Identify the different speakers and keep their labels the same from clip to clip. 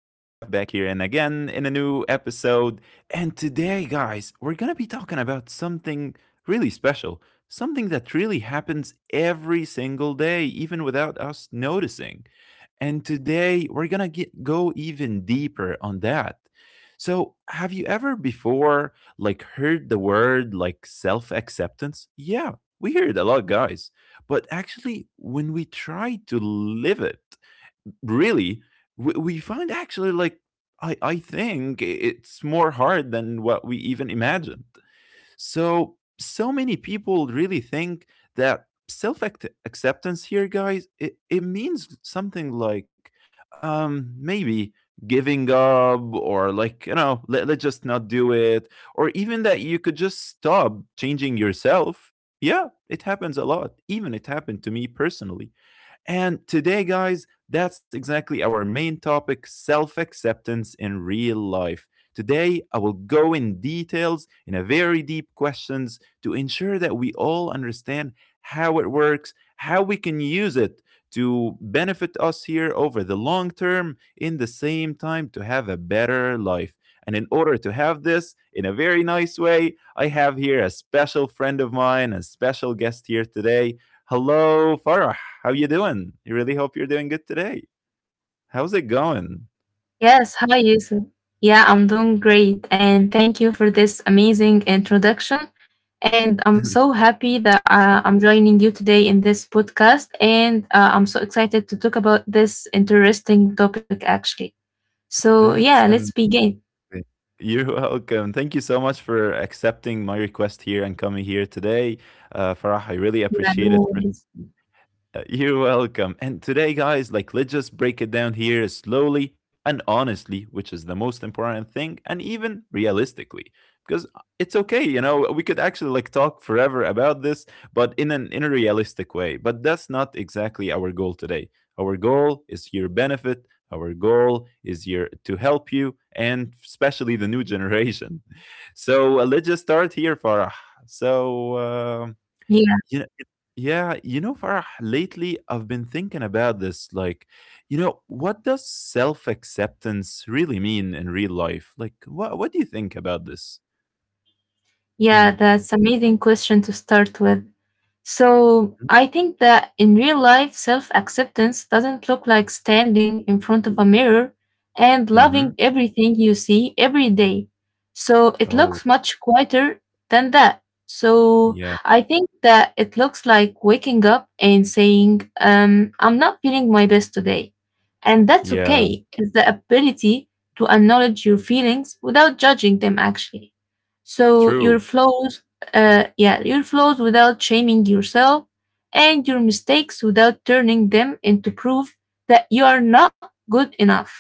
Speaker 1: back here, and again in a new episode. And today, guys, we're going to be talking about something really special, something that really happens every single day, even without us noticing. And today, we're going to get go even deeper on that. So, have you ever before like heard the word like self-acceptance? Yeah, we hear it a lot, guys. But actually, when we try to live it, really we find actually like I think it's more hard than what we even imagined. So many people really think that self acceptance here, guys, it means something like maybe giving up or like, you know, let's just not do it, or even that you could just stop changing yourself. Yeah, it happens a lot. Even it happened to me personally. And today, guys, that's exactly our main topic self acceptance in real life. Today, I will go in details in a very deep questions to ensure that we all understand how it works, how we can use it to benefit us here over the long term, in the same time, to have a better life. And in order to have this in a very nice way, I have here a special friend of mine, a special guest here today. Hello, Farah. How you doing? You really hope you're doing good today. How's it going?
Speaker 2: Yes, hi Yusuf. Yeah, I'm doing great. And thank you for this amazing introduction. And I'm so happy that I'm joining you today in this podcast. And I'm so excited to talk about this interesting topic, actually. So,
Speaker 1: That's
Speaker 2: yeah,
Speaker 1: amazing.
Speaker 2: let's begin.
Speaker 1: You're welcome. Thank you so much for accepting my request here and coming here today. Farah, I really
Speaker 2: Yeah, no
Speaker 1: appreciate it.
Speaker 2: worries.
Speaker 1: You're welcome. And today, guys, like, let's just break it down here slowly and honestly, which is the most important thing, and even realistically, because it's okay, you know, we could actually like talk forever about this, but in a realistic way. But that's not exactly our goal today. Our goal is your benefit. Our goal is your to help you, and especially the new generation. So let's just start here, Farah. So. You know it yeah, you know, Farah, lately I've been thinking about this. Like, you know, what does self acceptance really mean in real life? Like, what do you think about this?
Speaker 2: Yeah,
Speaker 1: Mm-hmm.
Speaker 2: that's amazing question to start with. So, I think that in real life, self acceptance doesn't look like standing in front of a mirror and loving
Speaker 1: Hmm.
Speaker 2: everything you see every day. So, it
Speaker 1: Oh,
Speaker 2: looks much quieter than that. So,
Speaker 1: yeah,
Speaker 2: I think that it looks like waking up and saying, I'm not feeling my best today. And that's
Speaker 1: yeah,
Speaker 2: okay. It's the ability to acknowledge your feelings without judging them, actually. So your
Speaker 1: true.
Speaker 2: flows, yeah, your flows without shaming yourself, and your mistakes without turning them into proof that you are not good enough.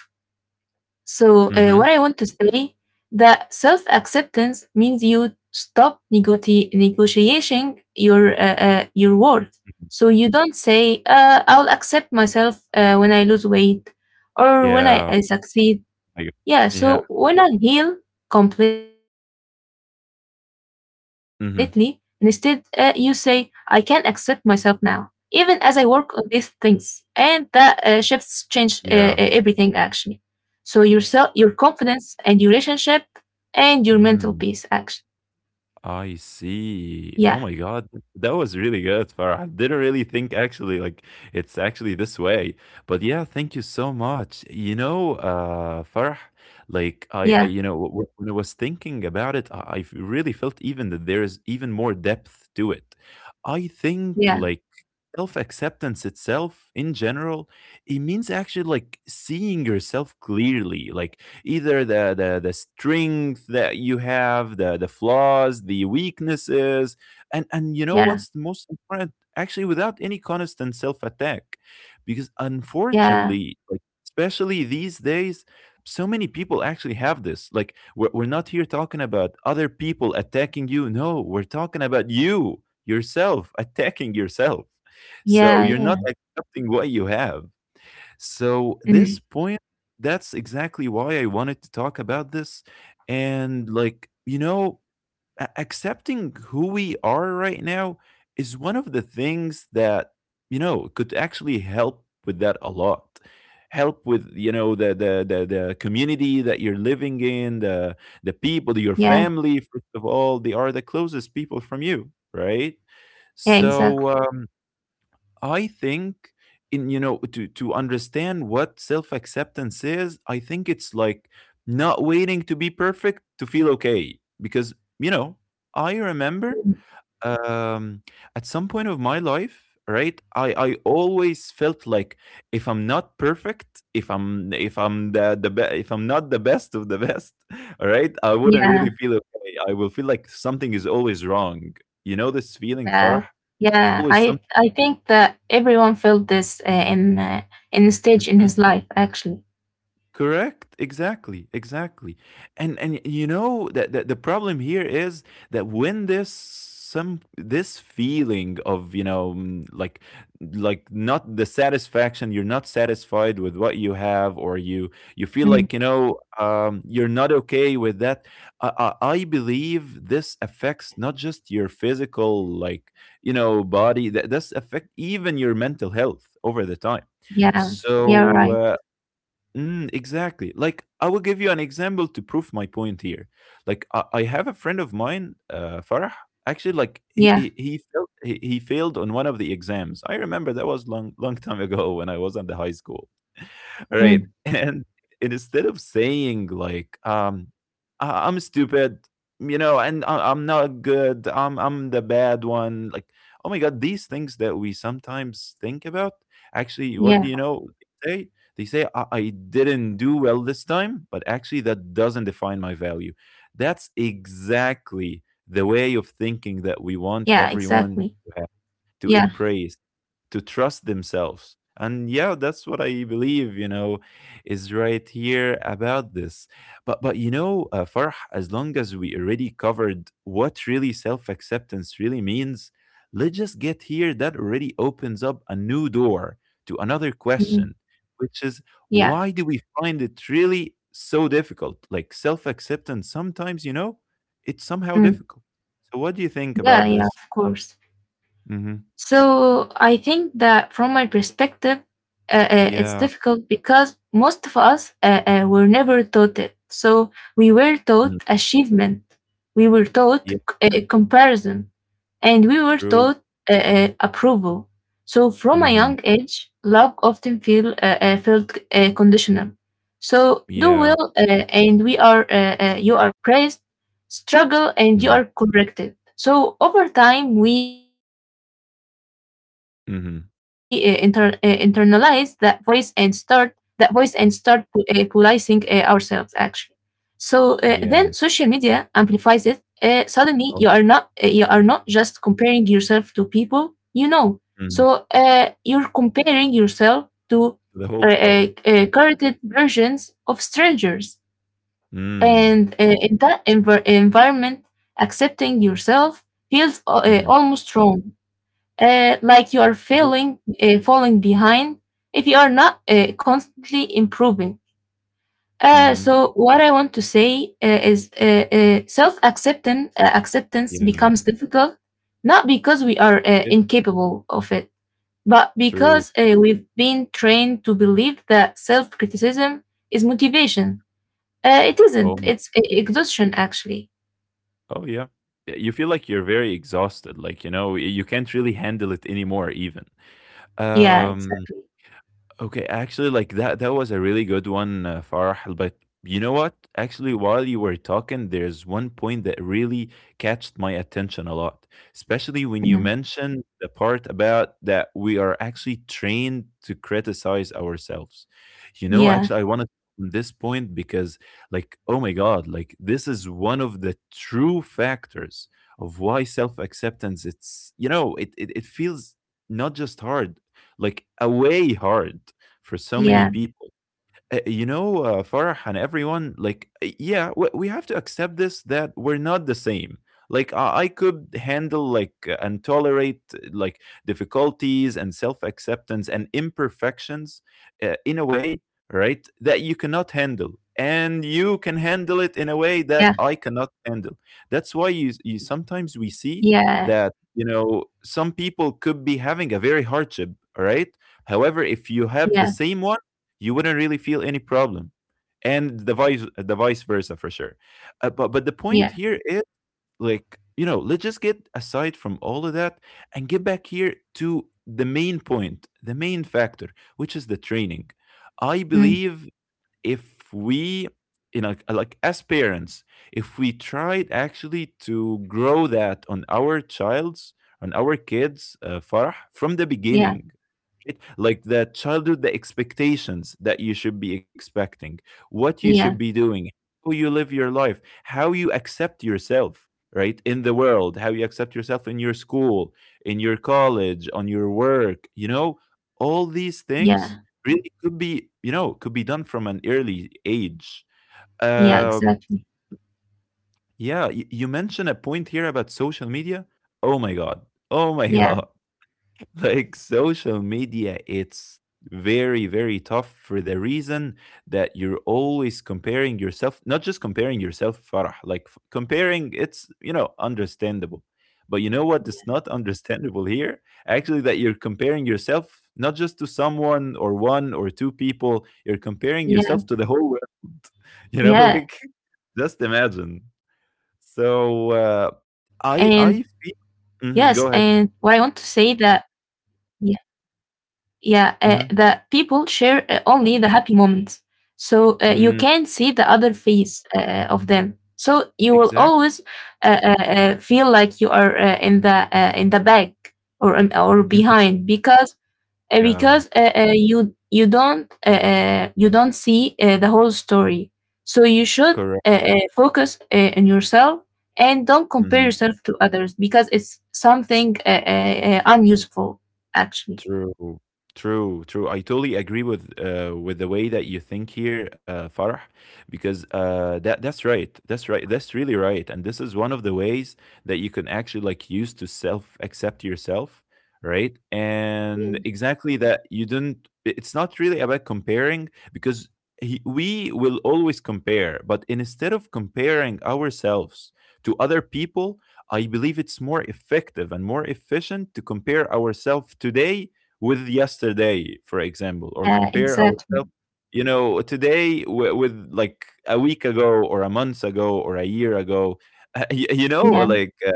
Speaker 2: So
Speaker 1: Mm-hmm.
Speaker 2: what I want to say that self acceptance means you stop negotiating your worth. So you don't say, "I'll accept myself when I lose weight," or "when I,
Speaker 1: Yeah,
Speaker 2: I succeed."
Speaker 1: I-
Speaker 2: Yeah,
Speaker 1: yeah,
Speaker 2: so when I heal completely, instead you say, I can accept
Speaker 1: mm-hmm.
Speaker 2: myself now, even as I work on these things. And that shifts change everything actually.
Speaker 1: Yeah.
Speaker 2: So yourself, your confidence and your relationship and your mental peace actually.
Speaker 1: Mm. I
Speaker 2: Yeah,
Speaker 1: see. Oh my God. That was really good, Farah. Didn't really think actually like it's actually this way. But yeah, thank you so much. You know, Farah, like I you
Speaker 2: yeah,
Speaker 1: know, when I was thinking about it, I really felt even that there is even more depth to it. I think
Speaker 2: yeah,
Speaker 1: like self acceptance itself in general it means actually like seeing yourself clearly like either the strength that you have the flaws the weaknesses and you know
Speaker 2: yeah,
Speaker 1: what's the most important actually without any constant self attack because
Speaker 2: yeah,
Speaker 1: unfortunately like especially these days so many people actually have this like we're not here talking about other people attacking you. No, we're talking about you yourself attacking yourself, so
Speaker 2: yeah,
Speaker 1: you're not
Speaker 2: yeah.
Speaker 1: accepting what you have. So
Speaker 2: Mm,
Speaker 1: this point, that's exactly why I wanted to talk about this. And like, you know, accepting who we are right now is one of the things that, you know, could actually help with that a lot. Help with, you know, the community that you're living in, the people, your
Speaker 2: yeah,
Speaker 1: family, first of all, they are the closest people from you, right?
Speaker 2: yeah,
Speaker 1: So
Speaker 2: exactly.
Speaker 1: I think in you know to understand what self acceptance is, I think it's like not waiting to be perfect to feel okay because you know I remember um at some point of my life right I always felt like if I'm not perfect if I'm if I'm not the best of the best all right I wouldn't
Speaker 2: Yeah.
Speaker 1: really feel okay. I will feel like something is always wrong, you know this feeling,
Speaker 2: Yeah,
Speaker 1: Farah.
Speaker 2: yeah.
Speaker 1: Always
Speaker 2: I think that everyone felt this in in the stage in
Speaker 1: something.
Speaker 2: his life actually.
Speaker 1: Correct. Exactly. Exactly. And you know that, that the problem here is that when this feeling of you know like not the satisfaction, you're not satisfied with what you have or you feel
Speaker 2: Mm,
Speaker 1: like you know you're not okay with that. I believe this affects not just your physical like you know body. That does affect even your mental health over the time.
Speaker 2: yeah, yeah,
Speaker 1: So
Speaker 2: right.
Speaker 1: uh, mm, exactly. Like, I will give you an example to prove my point here. Like, I have a friend of mine, Farah. Actually, like
Speaker 2: Yeah,
Speaker 1: he failed, he failed on one of the exams. I remember that was long long time ago when I was in the high school. Right,
Speaker 2: mm,
Speaker 1: and instead of saying like, "I I'm stupid," you know, and "I I'm not good, I'm the bad one," like, oh my god, these things that we sometimes think about, actually, what do
Speaker 2: yeah,
Speaker 1: you know they say? They say, I didn't do well this time," but actually that doesn't define my value. That's
Speaker 2: yeah.
Speaker 1: exactly
Speaker 2: Exactly.
Speaker 1: the way of thinking that we want
Speaker 2: Yeah,
Speaker 1: everyone to have, to embrace to trust themselves. And yeah, that's what I believe, you know, is right here about this. But you know, Farh, as long as we already covered what really self-acceptance really means, let's just get here. That already opens up a new door to another
Speaker 2: mm,
Speaker 1: question, which is
Speaker 2: yeah,
Speaker 1: why do we find it really so difficult? Like self-acceptance, sometimes you know, it's somehow
Speaker 2: mm,
Speaker 1: difficult. So what do you think
Speaker 2: yeah,
Speaker 1: about
Speaker 2: yeah.
Speaker 1: this?
Speaker 2: Of course.
Speaker 1: Hmm.
Speaker 2: So I think that from my perspective, it's
Speaker 1: Yeah.
Speaker 2: difficult because most of us were never taught it. So we were
Speaker 1: Mm.
Speaker 2: taught achievement, we were
Speaker 1: Yeah.
Speaker 2: taught comparison, and we were
Speaker 1: True.
Speaker 2: taught approval. So from a
Speaker 1: Mhm.
Speaker 2: young age, love often feel felt conditional. So do
Speaker 1: Yeah.
Speaker 2: well, and we are you are praised struggle and you
Speaker 1: Mhm.
Speaker 2: are corrected. So over time, we internalize that voice and
Speaker 1: Mhm.
Speaker 2: start policing ourselves actually. So then social media
Speaker 1: Yeah.
Speaker 2: amplifies it. Suddenly, you are not
Speaker 1: Oh,
Speaker 2: just comparing yourself to people you know. So
Speaker 1: mhm.
Speaker 2: you're comparing yourself to
Speaker 1: The whole
Speaker 2: uh, uh,
Speaker 1: world.
Speaker 2: curated versions of strangers
Speaker 1: Mm.
Speaker 2: and in that environment, accepting yourself feels
Speaker 1: Mhm.
Speaker 2: almost wrong, like you are
Speaker 1: True.
Speaker 2: failing, falling behind if you are not constantly improving. Uh,
Speaker 1: Mhm.
Speaker 2: so what I want to say is self acceptance
Speaker 1: Yeah.
Speaker 2: becomes difficult not because we are
Speaker 1: It's
Speaker 2: incapable of it, but
Speaker 1: true.
Speaker 2: because we've been trained to believe that self criticism is motivation. It isn't.
Speaker 1: Oh,
Speaker 2: It's e exhaustion, actually.
Speaker 1: oh, yeah. Y you feel like you're very exhausted, like, you know, you can't really handle it anymore even.
Speaker 2: Yeah,
Speaker 1: Um.
Speaker 2: exactly.
Speaker 1: Okay, actually, like that was a really good one, Farah. But you know what? Actually, while you were talking, there's one point that really catched my attention a lot, especially when you
Speaker 2: Mhm.
Speaker 1: mentioned the part about that we are actually trained to criticize ourselves. You know,
Speaker 2: Yeah,
Speaker 1: actually, I want to this point because like oh my god like this is one of the true factors of why self-acceptance it's you know it, it feels not just hard like a way hard for so many
Speaker 2: yeah,
Speaker 1: people. You know, Farah and everyone, like, yeah, we have to accept this that we're not the same. Like, I could handle, like, and tolerate, like, difficulties and self acceptance and imperfections in a way, right, that you cannot handle. And you can
Speaker 2: yeah,
Speaker 1: handle it in a way that I cannot handle. That's why you sometimes we see
Speaker 2: yeah,
Speaker 1: that, you know, some people could be having a very hardship, all right? However, if you have the
Speaker 2: yeah,
Speaker 1: same one, you wouldn't really feel any problem and the vice versa for sure. But the point
Speaker 2: yeah,
Speaker 1: here is like you know let's just get aside from all of that and get back here to the main point the main factor which is the training. I
Speaker 2: mm,
Speaker 1: believe if we you know like as parents if we tried actually to grow that on our child's on our kids Farah from the
Speaker 2: yeah,
Speaker 1: beginning it- like the childhood the expectations that you should be expecting what you should
Speaker 2: yeah,
Speaker 1: be doing how you live your life how you accept yourself right in the world how you accept yourself in your school in your college on your work you know all these things
Speaker 2: yeah,
Speaker 1: really could be you know could be done from an early age.
Speaker 2: yeah,
Speaker 1: um
Speaker 2: exactly.
Speaker 1: yeah, you mentioned a point here about social media, oh my god, oh my
Speaker 2: Yeah,
Speaker 1: god, like social media it's very very tough for the reason that you're always comparing yourself, not just comparing yourself, Farah, like comparing it's you know understandable, but you know what is not understandable here, actually, that you're comparing yourself not just to someone or one or two people, you're comparing
Speaker 2: yeah,
Speaker 1: yourself to the whole world. You know
Speaker 2: yeah.
Speaker 1: like just
Speaker 2: And
Speaker 1: imagine.
Speaker 2: yes,
Speaker 1: So
Speaker 2: and what I want to
Speaker 1: I
Speaker 2: say
Speaker 1: feel
Speaker 2: that,
Speaker 1: mhm, go ahead.
Speaker 2: Yeah, the people
Speaker 1: Mhm.
Speaker 2: share only the happy moments, so you can't see
Speaker 1: Mm,
Speaker 2: the other face of them. So you will always
Speaker 1: exactly.
Speaker 2: feel like you are in the in the back or
Speaker 1: Mhm.
Speaker 2: behind because
Speaker 1: Yeah.
Speaker 2: you you don't see the whole story. So you should
Speaker 1: Correct.
Speaker 2: focus on yourself and don't compare
Speaker 1: Mhm.
Speaker 2: yourself to others because it's something unuseful actually.
Speaker 1: True. True, true. I totally agree with the way that you think here, Farah, because that that's right. That's right. That's really right. And this is one of the ways that you can actually like use to self accept yourself, right? And
Speaker 2: Yeah,
Speaker 1: exactly that you didn't. It's not really about comparing because he, we will always compare, but instead of comparing ourselves to other people, I believe it's more effective and more efficient to compare ourselves today with yesterday, for example, or
Speaker 2: yeah,
Speaker 1: compare
Speaker 2: exactly.
Speaker 1: ourselves, you know, today with like a week ago or a month ago or a year ago. you know,
Speaker 2: Yeah,
Speaker 1: like uh,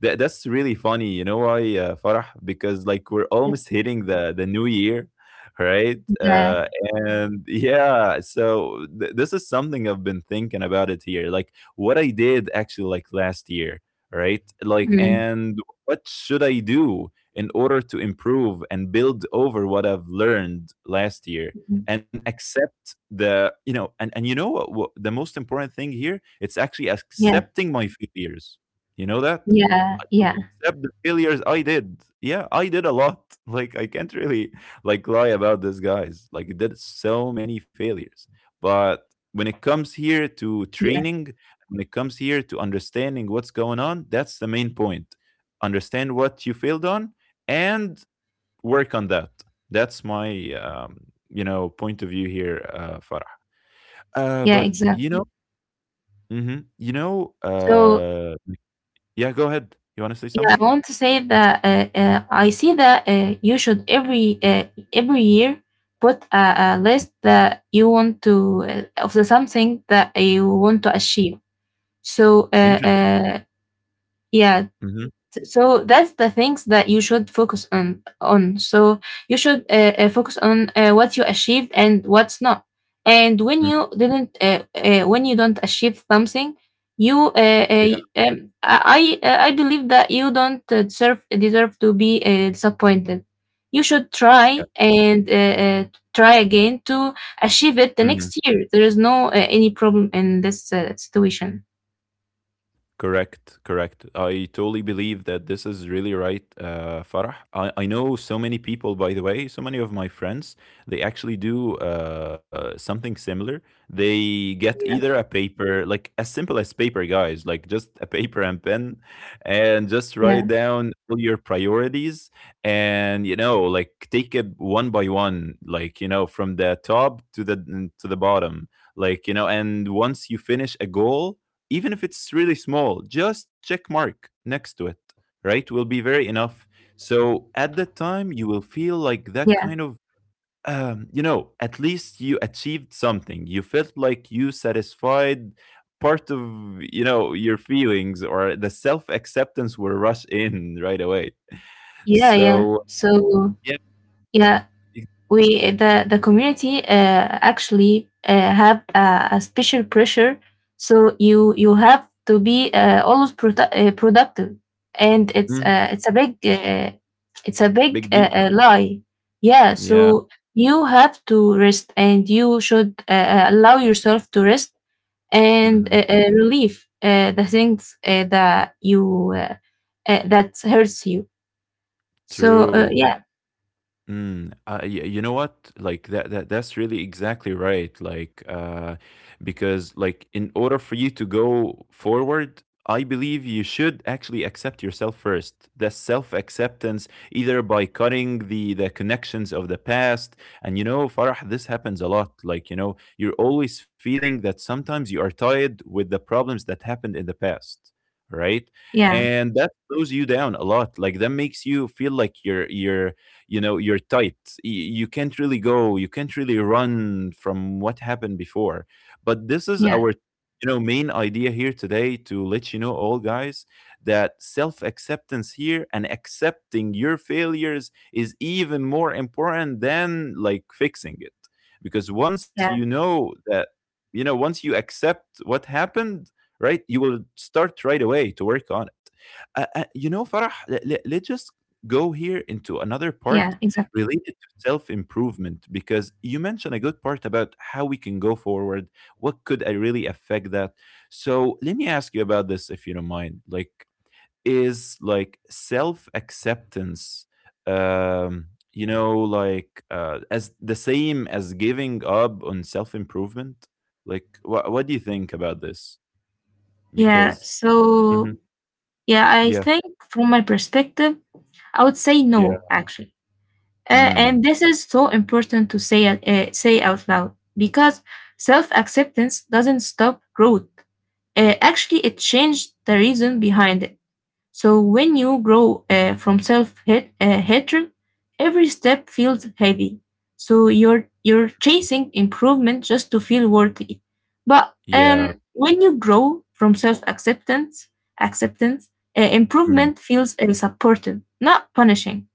Speaker 1: that's really funny. You know why, Farah? Because like we're
Speaker 2: yeah,
Speaker 1: almost hitting the new year, right?
Speaker 2: yeah.
Speaker 1: And yeah, so this is something I've been thinking about it here. Like what I did actually like last year, right? Like
Speaker 2: Mm,
Speaker 1: and what should I do in order to improve and build over what I've learned last year?
Speaker 2: mhm.
Speaker 1: And accept the, and you know what, the most important thing here? It's actually
Speaker 2: Yeah,
Speaker 1: accepting my failures. You know that?
Speaker 2: yeah,
Speaker 1: I could
Speaker 2: yeah,
Speaker 1: accept the failures I did. Yeah, I did a lot. Like I can't really like lie about this, guys. Like I did so many failures. But when it comes here to
Speaker 2: yeah,
Speaker 1: training, when it comes here to understanding what's going on, that's the main point. Understand what you failed on and work on that. That's my um, point of view here, Farah.
Speaker 2: yeah,
Speaker 1: But you know,
Speaker 2: exactly.
Speaker 1: hmm you know,
Speaker 2: So
Speaker 1: uh, yeah. Go ahead. You want to say
Speaker 2: yeah, I
Speaker 1: something?
Speaker 2: want to say that I see that you should every year put a list that you want to of the something that you want to achieve. So yeah,
Speaker 1: Interesting.
Speaker 2: so that's the things that you should focus on so you should focus on what you achieved and what's not and when you didn't when you don't achieve something you
Speaker 1: Yeah,
Speaker 2: I believe that you don't deserve to be disappointed. You should
Speaker 1: yeah.
Speaker 2: try and uh, try again to achieve it the
Speaker 1: Mhm.
Speaker 2: next year. There is no any problem in this situation.
Speaker 1: Correct, correct. I totally believe that this is really right, Farah. I know so many people, by the way, so many of my friends, they actually do something similar. They get
Speaker 2: Yeah,
Speaker 1: either a paper, like as simple as paper, guys, like just a paper and pen, and just write
Speaker 2: yeah,
Speaker 1: down all your priorities and, you know, like take it one by one, like, you know, from the top to the bottom. Like, you know, and once you finish a goal, even if it's really small, just check mark next to it, right? Will be very enough. So at
Speaker 2: yeah,
Speaker 1: that time you will feel like that kind of at least you achieved something. You felt like you satisfied part of, your feelings, or the self acceptance will rush in right away.
Speaker 2: yeah, yeah.
Speaker 1: So
Speaker 2: So
Speaker 1: yeah,
Speaker 2: yeah,
Speaker 1: it-
Speaker 2: we the community actually have a special pressure. So you have to be always productive, and it's
Speaker 1: mhm,
Speaker 2: it's a big
Speaker 1: big deal.
Speaker 2: lie. Yeah.
Speaker 1: Yeah.
Speaker 2: So you have to rest, and you should allow yourself to rest and
Speaker 1: Hmm.
Speaker 2: relieve the things that you that hurts you. So
Speaker 1: True.
Speaker 2: yeah,
Speaker 1: Mm, you know what? Like that's really exactly right. Like, because like in order for you to go forward, I believe you should actually accept yourself first. The self-acceptance, either by cutting the connections of the past, and you know, Farah, this happens a lot. Like, you know, you're always feeling that sometimes you are tied with the problems that happened in the past, right?
Speaker 2: yeah,
Speaker 1: And that slows you down a lot. Like that makes you feel like you're you're tight. Y- you can't really go, you can't really run from what happened before. But this is
Speaker 2: yeah,
Speaker 1: our, you know, main idea here today, to let you know all guys that self acceptance here and accepting your failures is even more important than like fixing it, because once you
Speaker 2: yeah,
Speaker 1: know that, you know, once you accept what happened, right, you will start right away to work on it. You know, Farah, us just
Speaker 2: yeah,
Speaker 1: go here
Speaker 2: exactly.
Speaker 1: into another part related to self improvement, because you mentioned a good part about how we can go forward. What could I really affect that? So let me ask you about this if you don't mind. Like, is like self acceptance, like as the same as giving up on self improvement? Like, what do you think about this?
Speaker 2: Yeah,
Speaker 1: Because. Mhm.
Speaker 2: so yeah, I
Speaker 1: Yeah,
Speaker 2: think from my perspective, I would say
Speaker 1: yeah.
Speaker 2: no actually.
Speaker 1: Mm.
Speaker 2: And this is so important to say say out loud, because self-acceptance doesn't stop growth. Actually, it changed the reason behind it. So when you grow from self hate hatred, every step feels heavy. So you're chasing improvement just to feel worthy. But
Speaker 1: Yeah.
Speaker 2: when you grow from self acceptance, acceptance,
Speaker 1: Mm.
Speaker 2: improvement feels supported, not punishing.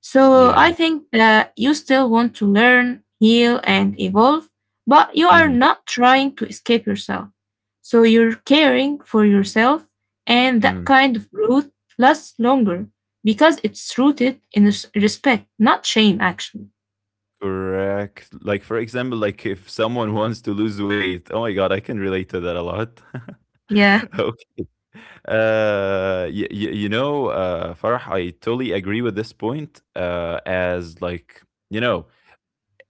Speaker 2: So
Speaker 1: Yeah.
Speaker 2: I think that you still want to learn, heal, and evolve, but you are
Speaker 1: Mhm.
Speaker 2: not trying to escape yourself. So you're caring for yourself, and that
Speaker 1: Mm.
Speaker 2: kind of growth lasts longer because it's rooted in respect, not shame, actually.
Speaker 1: Correct. Like for example, like if someone wants to lose weight, oh my God, I can relate to that a lot.
Speaker 2: Yeah,
Speaker 1: Okay. Y y you know, Farah, I totally agree with this point. As like, you know,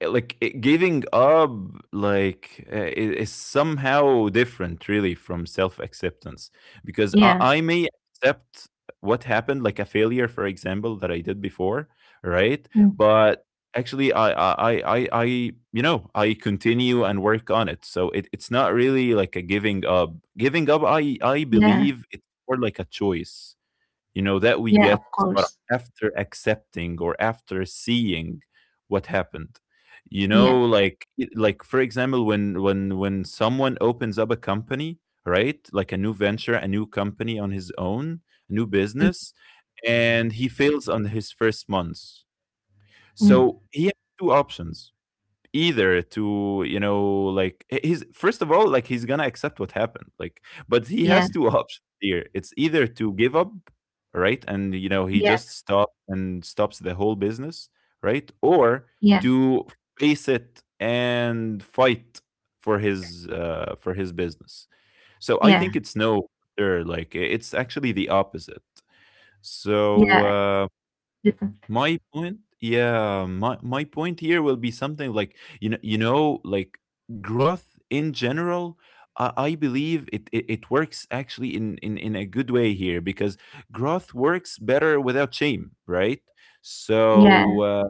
Speaker 1: like giving up, like is somehow different really from self-acceptance, because I,
Speaker 2: yeah,
Speaker 1: I may accept what happened, like a failure for example that I did before, right?
Speaker 2: mm,
Speaker 1: But actually I you know, I continue and work on it. So it's not really like a giving up. Giving up, I
Speaker 2: yeah,
Speaker 1: believe it's more like a choice, you know, that we
Speaker 2: yeah, of
Speaker 1: get, but
Speaker 2: course.
Speaker 1: after accepting or after seeing what happened. You
Speaker 2: Yeah,
Speaker 1: know, like, for example, when someone opens up a company, right? Like a new venture, a new company on his own, a new
Speaker 2: mm,
Speaker 1: business, and he fails on his first months.
Speaker 2: mm,
Speaker 1: So he has two options. Either to, you know, like, he's first of all, like, he's gonna accept what happened, like. But he
Speaker 2: yeah,
Speaker 1: has two options here. It's either to give up, right, and you know he
Speaker 2: yeah,
Speaker 1: just stops and stops the whole business, right, or
Speaker 2: yeah,
Speaker 1: to face it and fight for his for his business. So I
Speaker 2: yeah,
Speaker 1: think it's no there, like it's actually the opposite. So
Speaker 2: yeah, different.
Speaker 1: my point. Yeah, my point here will be something like, you know, like growth in general. I believe it works actually in a good way here, because growth works better without shame, right?
Speaker 2: Yeah,
Speaker 1: So,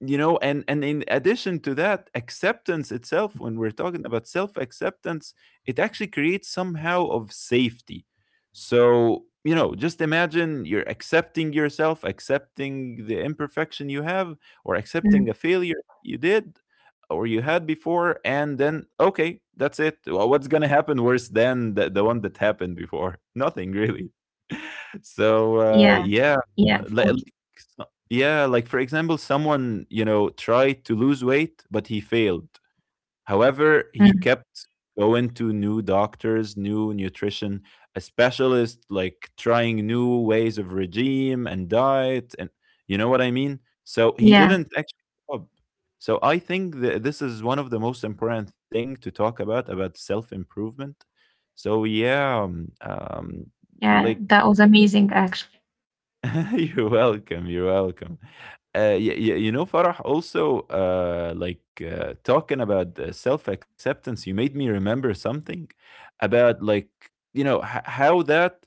Speaker 1: you know, and in addition to that, acceptance itself, when we're talking about self acceptance, it actually creates somehow of safety. So you know, just imagine you're accepting yourself, accepting the imperfection you have or
Speaker 2: mm,
Speaker 1: accepting a failure you did or you had before, and then okay, that's it. What's going to happen worse than the one that happened before? Nothing really. So,
Speaker 2: yeah,
Speaker 1: yeah,
Speaker 2: yeah, of course.
Speaker 1: like, yeah, like for example, someone, you know, tried to lose weight, but he failed. However, he
Speaker 2: Mm,
Speaker 1: kept going to new doctors, new nutrition, a specialist, like trying new ways of regime and diet. And you know what I mean? So he
Speaker 2: yeah.
Speaker 1: didn't actually give up. So I think that this is one of the most important thing to talk about self-improvement. So yeah,
Speaker 2: Yeah,
Speaker 1: like.
Speaker 2: that was amazing actually.
Speaker 1: You're welcome. You're welcome. You know, Farah, also, like talking about self acceptance, you made me remember something about, like, you know, how that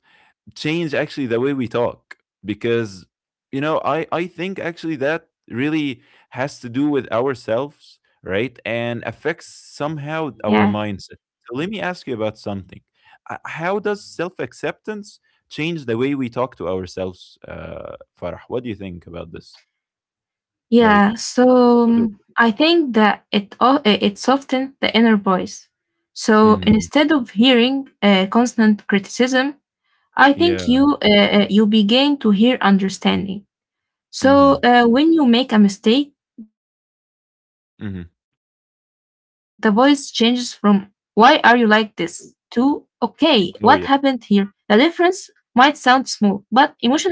Speaker 1: change actually the way we talk, because you know I think actually that really has to do with ourselves, right, and affects somehow our
Speaker 2: Yeah.
Speaker 1: mindset. So let me ask you about something. How does self-acceptance change the way we talk to ourselves, Farah? What do you think about this? Like.
Speaker 2: Yeah, so I think that it it softens the inner voice. So
Speaker 1: Mm-hmm.
Speaker 2: instead of hearing constant criticism, I think
Speaker 1: Yeah.
Speaker 2: you begin to hear understanding. So
Speaker 1: Mm-hmm.
Speaker 2: when you make a mistake, the voice changes from
Speaker 1: Mm-hmm.
Speaker 2: "Why are you like this?" to "Okay, what happened here?" The difference
Speaker 1: Oh yeah.
Speaker 2: might sound small, but emotionally it's huge actually.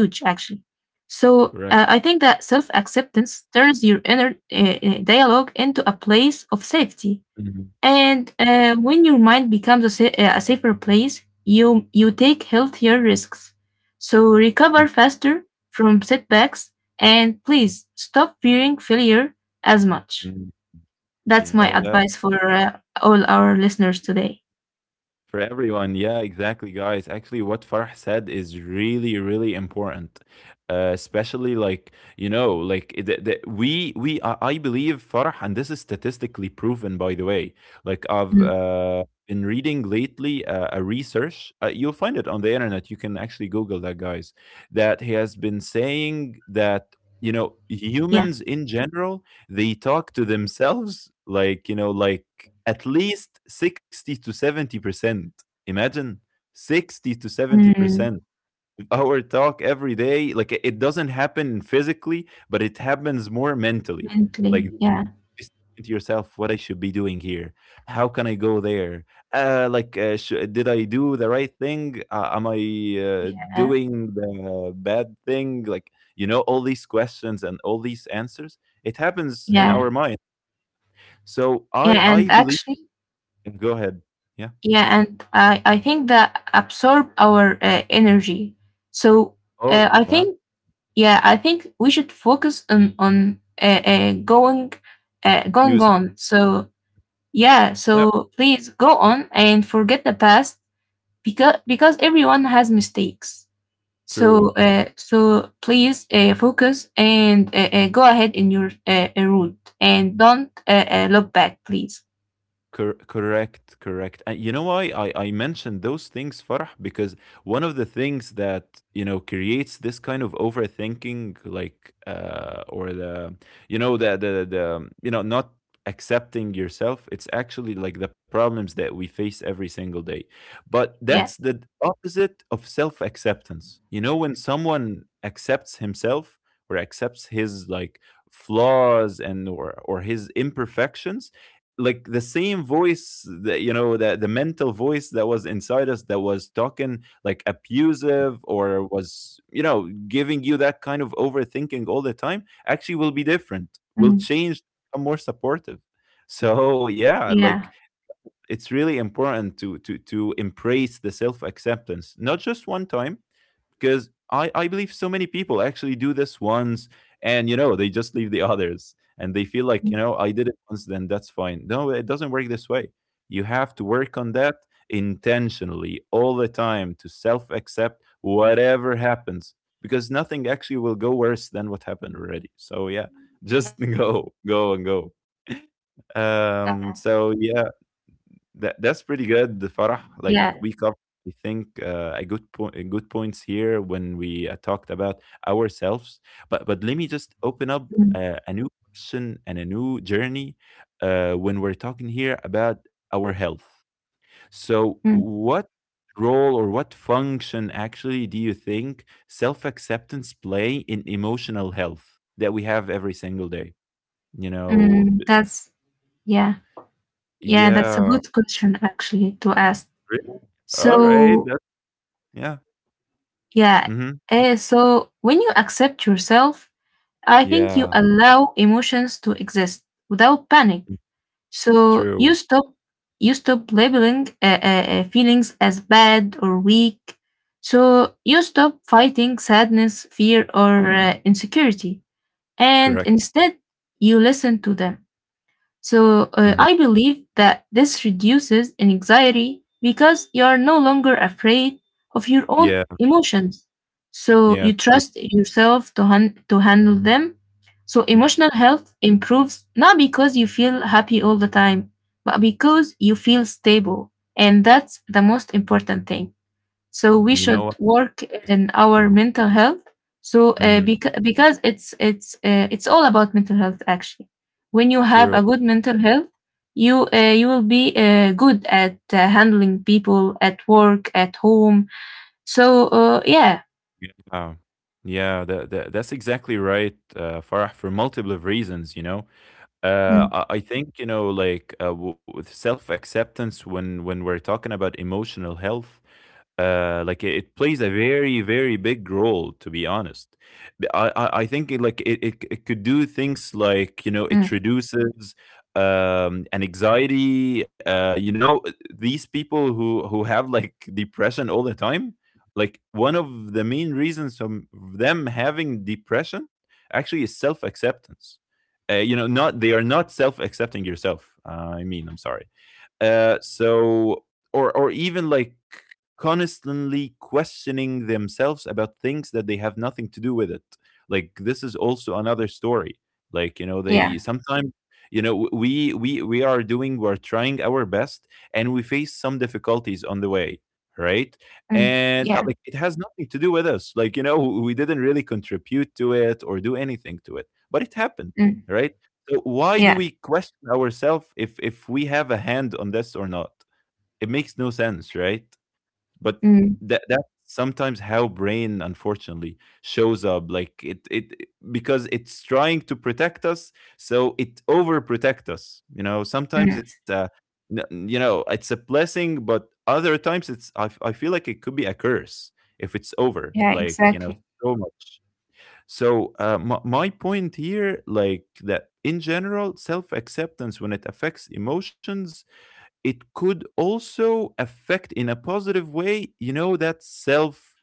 Speaker 2: So I think that
Speaker 1: Correct.
Speaker 2: self acceptance turns your inner uh, dialogue into a place of safety.
Speaker 1: Mm-hmm.
Speaker 2: And when your mind becomes a, a safer place, you take healthier risks. So recover faster from setbacks and please stop fearing failure as much.
Speaker 1: Mm-hmm. You
Speaker 2: That's my
Speaker 1: know that.
Speaker 2: advice for all our listeners today.
Speaker 1: For everyone, yeah, exactly, guys. Actually, what Farah said is really, really important, especially like, you know, like we I believe Farah, and this is statistically proven, by the way. Like I've
Speaker 2: Mm,
Speaker 1: been reading lately a research. You'll find it on the internet. You can actually Google that, guys. That he has been
Speaker 2: yeah.
Speaker 1: saying that, you know, humans in general, they talk to themselves like, you know, like, at least 60 to 70%. Imagine 60 to
Speaker 2: Mm,
Speaker 1: 70% of our talk every day. Like it doesn't happen physically, but it happens more mentally. Like
Speaker 2: mentally. Yeah.
Speaker 1: just thinking to yourself what I should be doing here. How can I go there? Like, did I do the right thing? Am I
Speaker 2: uh,
Speaker 1: doing the bad thing? Like, you know, all these questions and all these answers. It happens in
Speaker 2: yeah.
Speaker 1: our mind. So
Speaker 2: Yeah.
Speaker 1: I
Speaker 2: And
Speaker 1: believe.
Speaker 2: actually,
Speaker 1: Go ahead. Yeah.
Speaker 2: yeah, and I think that absorb our energy. So
Speaker 1: Oh,
Speaker 2: I
Speaker 1: yeah.
Speaker 2: think yeah, I think we should focus on going
Speaker 1: Use.
Speaker 2: on. So yeah,
Speaker 1: Yeah,
Speaker 2: so please go on and forget the past, because everyone has mistakes. So
Speaker 1: true.
Speaker 2: so please focus and go ahead in your route and don't look back, please.
Speaker 1: Correct, correct. And you know why I mentioned those things, Farah? Because one of the things that, you know, creates this kind of overthinking, like, or the, you know, you know, not accepting yourself, it's actually like the problems that we face every single day. But that's
Speaker 2: Yeah,
Speaker 1: the opposite of self acceptance. You know, when someone accepts himself or accepts his, like, flaws and or his imperfections, like the
Speaker 2: yeah,
Speaker 1: same voice that, you know, the mental voice that was inside us that was talking like abusive, or was, you know, giving you that kind of overthinking all the time, actually will be different, will
Speaker 2: mm,
Speaker 1: change, become more supportive. So yeah,
Speaker 2: yeah,
Speaker 1: like it's really important to embrace the self acceptance, not just one time, because I believe so many people actually do this once and you know they just leave the others and they feel like, you
Speaker 2: mm,
Speaker 1: know, I did it once then that's fine. No, it doesn't work this way. You have to work on that intentionally all the time to self accept whatever happens, because nothing actually will go worse than what happened already. So yeah, just
Speaker 2: yeah,
Speaker 1: go go and go. So yeah,
Speaker 2: yeah.
Speaker 1: that's pretty good, the Farah. Like we covered, I think, a good point, good points here when we talked about ourselves. But let me just open up
Speaker 2: Mm,
Speaker 1: a new question and a new journey, when we're talking here about our health. So,
Speaker 2: mm,
Speaker 1: what role or what function actually do you think self acceptance play in emotional health that we have every single day? You know,
Speaker 2: mm,
Speaker 1: b-
Speaker 2: that's yeah, yeah, that's a
Speaker 1: yeah.
Speaker 2: good question actually to ask.
Speaker 1: Really? All right.
Speaker 2: So
Speaker 1: That, yeah.
Speaker 2: yeah,
Speaker 1: Mm-hmm.
Speaker 2: so when you accept yourself, I think you
Speaker 1: Yeah,
Speaker 2: allow emotions to exist without panic.
Speaker 1: mm,
Speaker 2: So
Speaker 1: true,
Speaker 2: you stop labeling feelings as bad or weak. So you stop fighting sadness, fear, or insecurity, and
Speaker 1: correct,
Speaker 2: instead you listen to them. So
Speaker 1: mhm,
Speaker 2: I believe that this reduces anxiety because you are no longer afraid of your own
Speaker 1: yeah,
Speaker 2: emotions. So
Speaker 1: yeah,
Speaker 2: you
Speaker 1: true,
Speaker 2: trust yourself to to handle them. So
Speaker 1: mm,
Speaker 2: emotional health improves not because you feel happy all the time, but because you feel stable, and that's the most important thing. So we
Speaker 1: you know
Speaker 2: should
Speaker 1: what,
Speaker 2: work
Speaker 1: that's
Speaker 2: in our
Speaker 1: true,
Speaker 2: mental health. So
Speaker 1: mhm,
Speaker 2: because it's all about mental health actually. When you have a
Speaker 1: true,
Speaker 2: good mental health, you will be good at handling people at work at home. So yeah,
Speaker 1: yeah, wow, yeah, that's exactly right, Farah, for multiple of reasons, Uh,
Speaker 2: mm,
Speaker 1: I I think with self-acceptance, when we're talking about emotional health, like it plays a very very big role. To be honest, I
Speaker 2: mm,
Speaker 1: think it it could do things like it reduces an anxiety. These people who have like depression all the time, like one of the main reasons from them having depression actually is self-acceptance not they are not self accepting yourself I mean I'm sorry uh, so or even like constantly questioning themselves about things that they have nothing to do with it, like this is also another story. Like,
Speaker 2: yeah,
Speaker 1: they sometimes we are doing, we're trying our best and we face some difficulties on the way, right?
Speaker 2: mm,
Speaker 1: And
Speaker 2: yeah,
Speaker 1: like it has nothing to do with us. Like, we didn't really contribute to it or do anything to it, but it happened,
Speaker 2: mm,
Speaker 1: right? So why do
Speaker 2: yeah,
Speaker 1: we question ourselves if we have a hand on this or not? It makes no sense, right? But
Speaker 2: mm,
Speaker 1: that's sometimes how brain unfortunately shows up, like it because it's trying to protect us, so it overprotect us. You know sometimes
Speaker 2: mm,
Speaker 1: it's a it's a blessing, but other times it's I feel like it could be a curse if it's over,
Speaker 2: yeah, exactly,
Speaker 1: so much. So my point here, like that in general, self-acceptance when it affects emotions, it could also affect in a positive way, you know, that self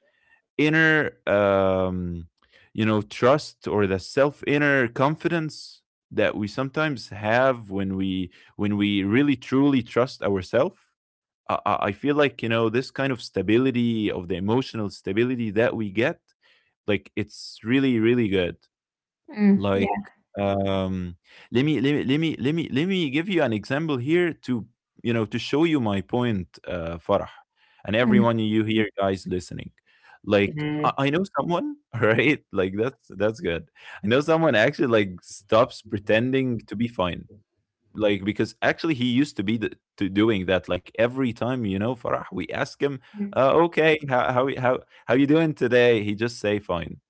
Speaker 1: inner, you know, trust or the self inner confidence that we sometimes have when we really truly trust ourselves. I feel like you know this kind of stability of the emotional stability that we get, like it's really really good.
Speaker 2: mm,
Speaker 1: Like,
Speaker 2: yeah,
Speaker 1: um, let me let me let me let me let me give you an example here to you know to show you my point, Farah, and
Speaker 2: mm.
Speaker 1: everyone you here guys listening. Like,
Speaker 2: Mhm.
Speaker 1: I know someone, right? Like that's good. I know someone actually like stops pretending to be fine, like because actually he used to be to doing that, like every time you know Farah we ask him,
Speaker 2: Mm,
Speaker 1: okay, how you doing today? He just say fine.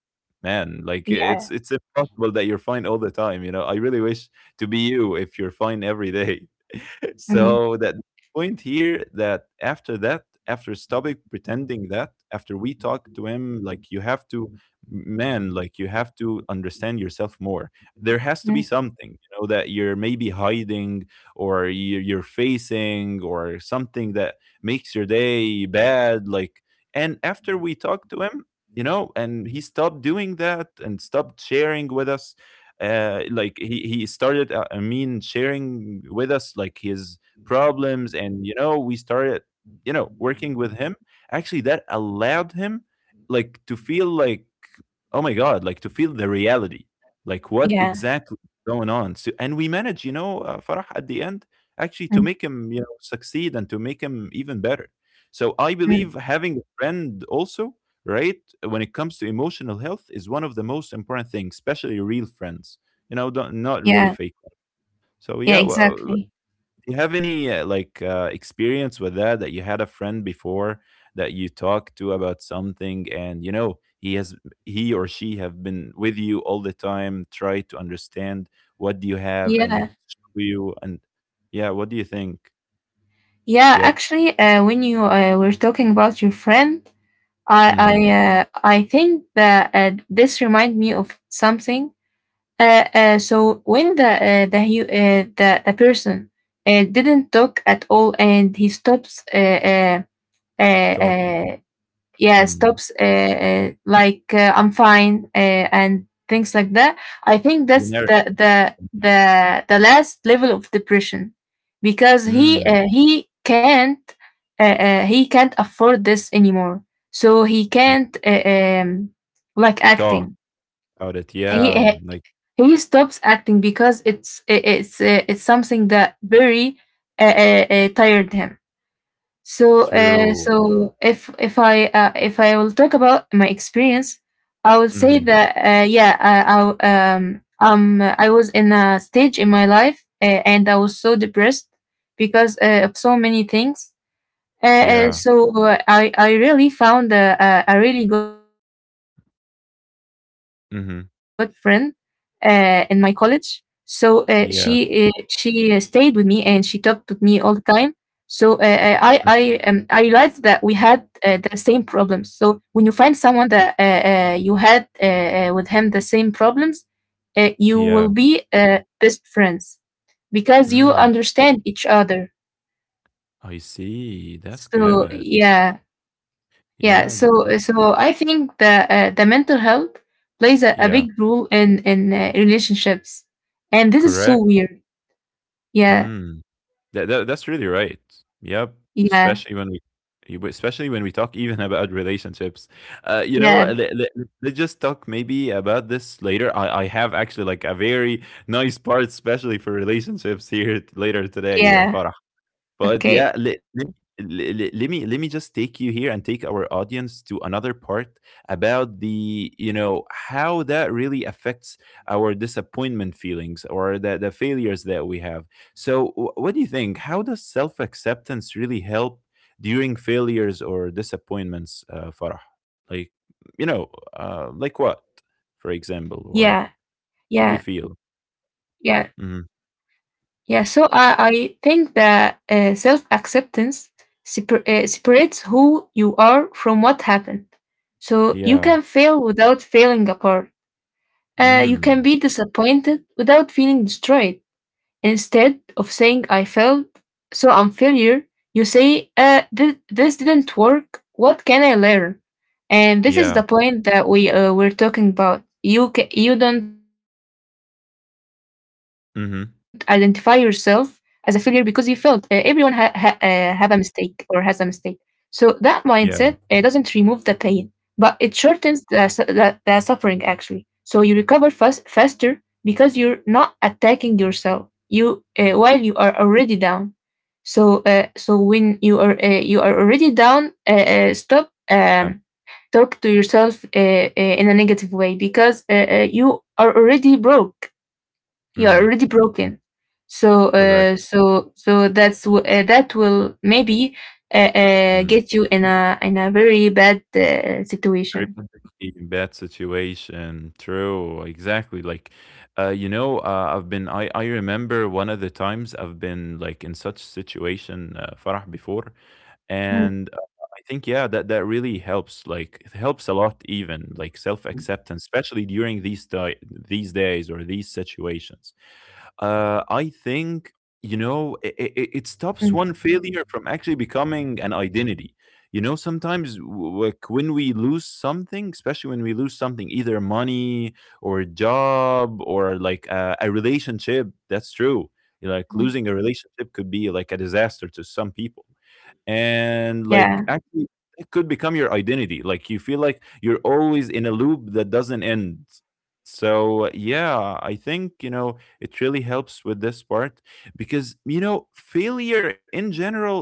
Speaker 1: Man, like
Speaker 2: yeah.
Speaker 1: it's impossible that you're fine all the time. You know, I really wish to be you if you're fine every day.
Speaker 2: Mm,
Speaker 1: So that point here, that after that, after stopping pretending, that after we talked to him like you have to, man, like you have to understand yourself more. There has to be
Speaker 2: mm,
Speaker 1: something, you know, that you're maybe hiding or you're facing or something that makes your day bad, like. And after we talked to him, you know, and he stopped doing that and stopped sharing with us, like he started, I mean sharing with us like his problems. And you know we started, you know, working with him. Actually that allowed him like to feel like, oh my god, like to feel the reality, like what
Speaker 2: yeah.
Speaker 1: exactly is going on. So, and we managed, you know, Farah, at the end actually to
Speaker 2: Mm,
Speaker 1: make him, you know, succeed and to make him even better. So I
Speaker 2: mm,
Speaker 1: believe having a friend also, right, when it comes to emotional health is one of the most important things, especially real friends. You know, don't, not really
Speaker 2: yeah.
Speaker 1: fake ones. So
Speaker 2: Yeah,
Speaker 1: yeah, well, do
Speaker 2: exactly.
Speaker 1: you have any experience with that, you had a friend before that you talked to about something, and you know he has, he or she have been with you all the time, try to understand what do you have and
Speaker 2: Yeah.
Speaker 1: show you and yeah, what do you think?
Speaker 2: Yeah,
Speaker 1: Yep.
Speaker 2: actually, when you were talking about your friend, I I
Speaker 1: Mm-hmm.
Speaker 2: uh, I think that this remind me of something. So when the the person didn't talk at all and he stops uh,
Speaker 1: Talking.
Speaker 2: uh, yeah
Speaker 1: Mm.
Speaker 2: stops like "I'm fine" and things like that. I think that's
Speaker 1: Generic.
Speaker 2: the the last level of depression, because
Speaker 1: Mm.
Speaker 2: he can't afford this anymore. So he
Speaker 1: Yeah.
Speaker 2: can't like
Speaker 1: Talk
Speaker 2: acting,
Speaker 1: about it,
Speaker 2: he
Speaker 1: yeah,
Speaker 2: uh,
Speaker 1: like
Speaker 2: he stops acting, because it's something that very tired him. So,
Speaker 1: true.
Speaker 2: so if I if I will talk about my experience, I will say
Speaker 1: Mm-hmm.
Speaker 2: that yeah, I I was in a stage in my life, and I was so depressed because of so many things. Uh,
Speaker 1: Yeah.
Speaker 2: so I really found a really good friend in my college.
Speaker 1: Mm-hmm.
Speaker 2: So she stayed with me and she
Speaker 1: Yeah.
Speaker 2: talked with me all the time, so I realized that we had the same problems. So when you find someone that you had with him the same problems, you
Speaker 1: Yeah.
Speaker 2: will be best friends because you
Speaker 1: Mm.
Speaker 2: understand each other.
Speaker 1: I see, that's
Speaker 2: So
Speaker 1: good.
Speaker 2: yeah, yeah.
Speaker 1: Yeah,
Speaker 2: So
Speaker 1: that that
Speaker 2: so I think that the mental health plays a
Speaker 1: yeah,
Speaker 2: big role in relationships, and this is so
Speaker 1: correct.
Speaker 2: weird. Yeah,
Speaker 1: Mm. That that's really right. Yep,
Speaker 2: yeah,
Speaker 1: especially when we especially when we talk even about relationships. You know,
Speaker 2: yeah,
Speaker 1: let, let's just talk maybe about this later. I have actually like a very nice part, especially for relationships here later today,
Speaker 2: yeah.
Speaker 1: Farah. But
Speaker 2: Okay,
Speaker 1: yeah, let me just take you here and take our audience to another part about the you know how that really affects our disappointment feelings or the failures that we have. So what do you think? How does self acceptance really help during failures or disappointments, Farah? Like you know,
Speaker 2: yeah,
Speaker 1: like what, for
Speaker 2: yeah.
Speaker 1: example, or what do you
Speaker 2: Yeah,
Speaker 1: feel? Hmm.
Speaker 2: yeah. So I think that self acceptance separates who you are from what happened. So you
Speaker 1: Yeah.
Speaker 2: can fail without failing apart. You can
Speaker 1: Mm.
Speaker 2: be disappointed without feeling destroyed. Instead of saying I failed, so I'm failure, you say, this didn't work. What can I learn? And this is
Speaker 1: Yeah.
Speaker 2: the point that we were talking about. You don't identify yourself as a failure because you failed.
Speaker 1: Hmm.
Speaker 2: Everyone have a mistake or has a mistake. So that mindset doesn't remove the
Speaker 1: Yeah.
Speaker 2: pain, but it shortens the suffering actually. So you recover faster because you're not attacking yourself you while you are already down, so so when you are already down, stop,
Speaker 1: Yeah.
Speaker 2: talk to yourself in a negative way because you are
Speaker 1: Mhm.
Speaker 2: already broken, so
Speaker 1: Correct.
Speaker 2: so that will maybe
Speaker 1: Mm.
Speaker 2: get you in a very bad
Speaker 1: Very
Speaker 2: situation.
Speaker 1: protective in bad situation. True. Exactly. Like, you know, I've been. I remember one of the times I've been like in such situation, Farah, before,
Speaker 2: Mm,
Speaker 1: and I think yeah, that that really helps. Like, it helps a lot, even like self acceptance, especially during these these days or these situations.
Speaker 2: mm,
Speaker 1: I think you know it stops one failure from actually becoming an identity. You know, sometimes like when we lose something, especially when we lose something, either money or a job or like a relationship, that's true. Like
Speaker 2: mm.
Speaker 1: losing a relationship could be like a disaster to some people, and like
Speaker 2: Yeah,
Speaker 1: actually it could become your identity, like you feel like you're always in a loop that doesn't end. So yeah, I think you know it really helps with this part, because you know failure in general,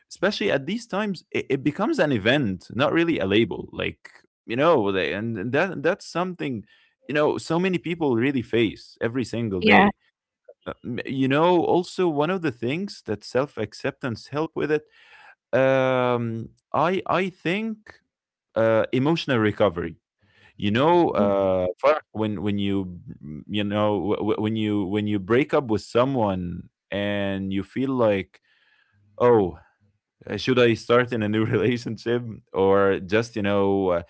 Speaker 1: especially at these times, it becomes an event, not really a label, like you know and that's something you know so many people really face every single day.
Speaker 2: yeah.
Speaker 1: You know, also one of the things that self-acceptance help with it, I think emotional recovery. You know,
Speaker 2: Mm.
Speaker 1: Farah, when you you know when you break up with someone and you feel like, oh, should I start in a new relationship or just you know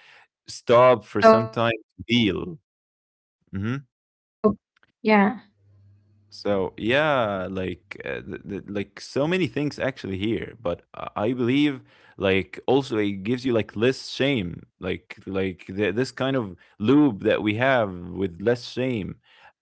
Speaker 1: stop for
Speaker 2: Stop.
Speaker 1: some time to
Speaker 2: Yeah.
Speaker 1: heal? Mm-hmm. So yeah, like like so many things actually here, but I believe like also it gives you like less shame, like this kind of loop that we have with less shame.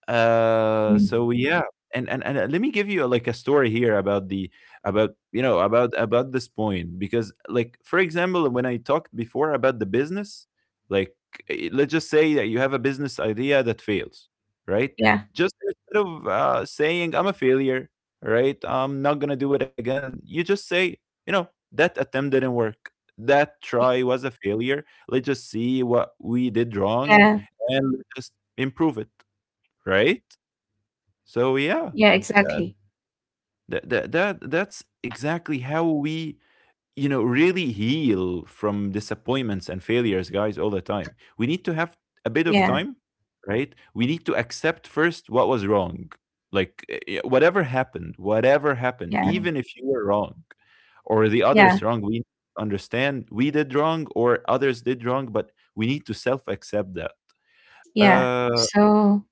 Speaker 2: Mm.
Speaker 1: So yeah, and let me give you like a story here about the about you know about this point, because like for example when I talked before about the business, like let's just say that you have a business idea that fails, right?
Speaker 2: Yeah,
Speaker 1: Just instead of saying I'm a failure, right? I'm not gonna do it again. You just say, you know, that attempt didn't work. That try was
Speaker 2: yeah.
Speaker 1: a failure. Let's just see what we did wrong and let's just improve it, right? So
Speaker 2: Yeah,
Speaker 1: yeah,
Speaker 2: exactly.
Speaker 1: that, that's exactly how we you know really heal from disappointments and failures, guys, all the time. We need to have a bit of
Speaker 2: Yeah,
Speaker 1: time, right? We need to accept first what was wrong. Like, whatever happened,
Speaker 2: yeah,
Speaker 1: even if you were wrong or the
Speaker 2: yeah,
Speaker 1: others wrong, we understand we did wrong or others did wrong, but we need to self accept that.
Speaker 2: yeah.
Speaker 1: Uh,
Speaker 2: So,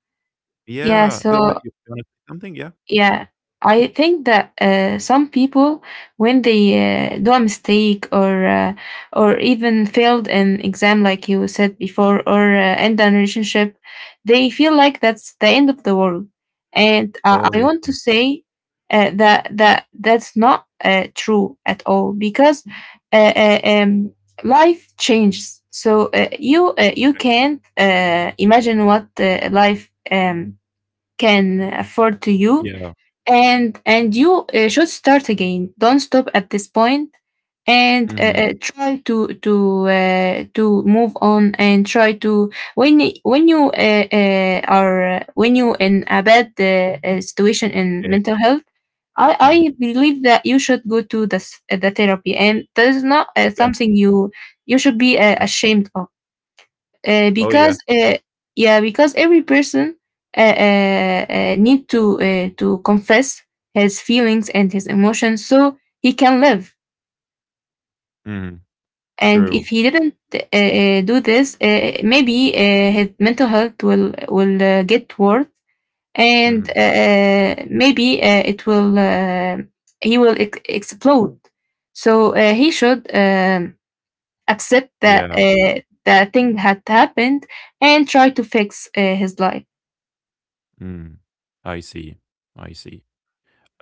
Speaker 2: yeah,
Speaker 1: yeah, go ahead.
Speaker 2: so.
Speaker 1: You want to say something? Yeah.
Speaker 2: Yeah, I think that some people, when they do a mistake or even failed an exam, like you said before, or end a relationship, they feel like that's the end of the world. And
Speaker 1: Oh,
Speaker 2: I
Speaker 1: yeah.
Speaker 2: want to say that that's not true at all, because uh, uh, um, life changes. So you
Speaker 1: Correct.
Speaker 2: can't imagine what life can afford to you,
Speaker 1: Yeah.
Speaker 2: and you should start again. Don't stop at this point, and
Speaker 1: Mm-hmm.
Speaker 2: try to move on, and try to, when y- when you are when you in a bad situation in
Speaker 1: Yeah.
Speaker 2: mental health, I,
Speaker 1: Mm-hmm.
Speaker 2: I believe that you should go to the therapy, and that is not
Speaker 1: Okay.
Speaker 2: something you should be
Speaker 1: Mhm.
Speaker 2: ashamed of,
Speaker 1: Oh, yeah.
Speaker 2: because yeah, because every person need to confess his feelings and his emotions so he can live.
Speaker 1: Mhm.
Speaker 2: And
Speaker 1: True.
Speaker 2: if he didn't do this, maybe his mental health will get worse, and
Speaker 1: Mhm.
Speaker 2: maybe it will he will explode, so he should accept that
Speaker 1: Yeah.
Speaker 2: uh, that thing had happened and try to fix his life.
Speaker 1: Mm. I see. I see.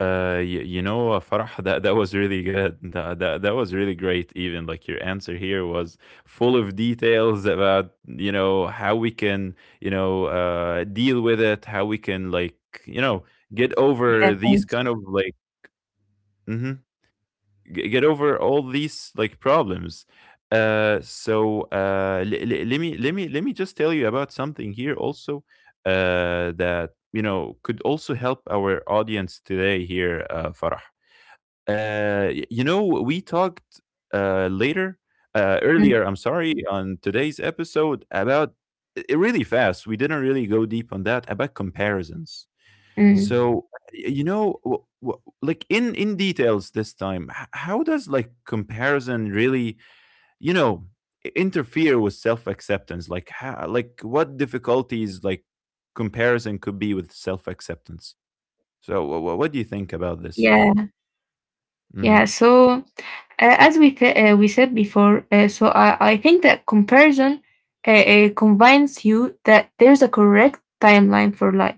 Speaker 1: You, you know, Farah, that was really good. That was really great. Even like your answer here was full of details about you know how we can you know deal with it, how we can like you know get
Speaker 2: Yeah,
Speaker 1: over these
Speaker 2: thanks.
Speaker 1: kind of like. Mhm. Get over all these like problems. Let me just tell you about something here also, that you know could also help our audience today here, Farah. You know we talked later
Speaker 2: Mm,
Speaker 1: earlier, I'm sorry, on today's episode about it really fast, we didn't really go deep on that about comparisons.
Speaker 2: mm.
Speaker 1: So, you know, like in details this time, how does like comparison really, you know, interfere with self acceptance? Like, how, like what difficulties like comparison could be with self acceptance? So, what do you think about this?
Speaker 2: Yeah, yeah.
Speaker 1: Hmm.
Speaker 2: So, as we said before, so I think that comparison convinces you that there's a correct timeline for life,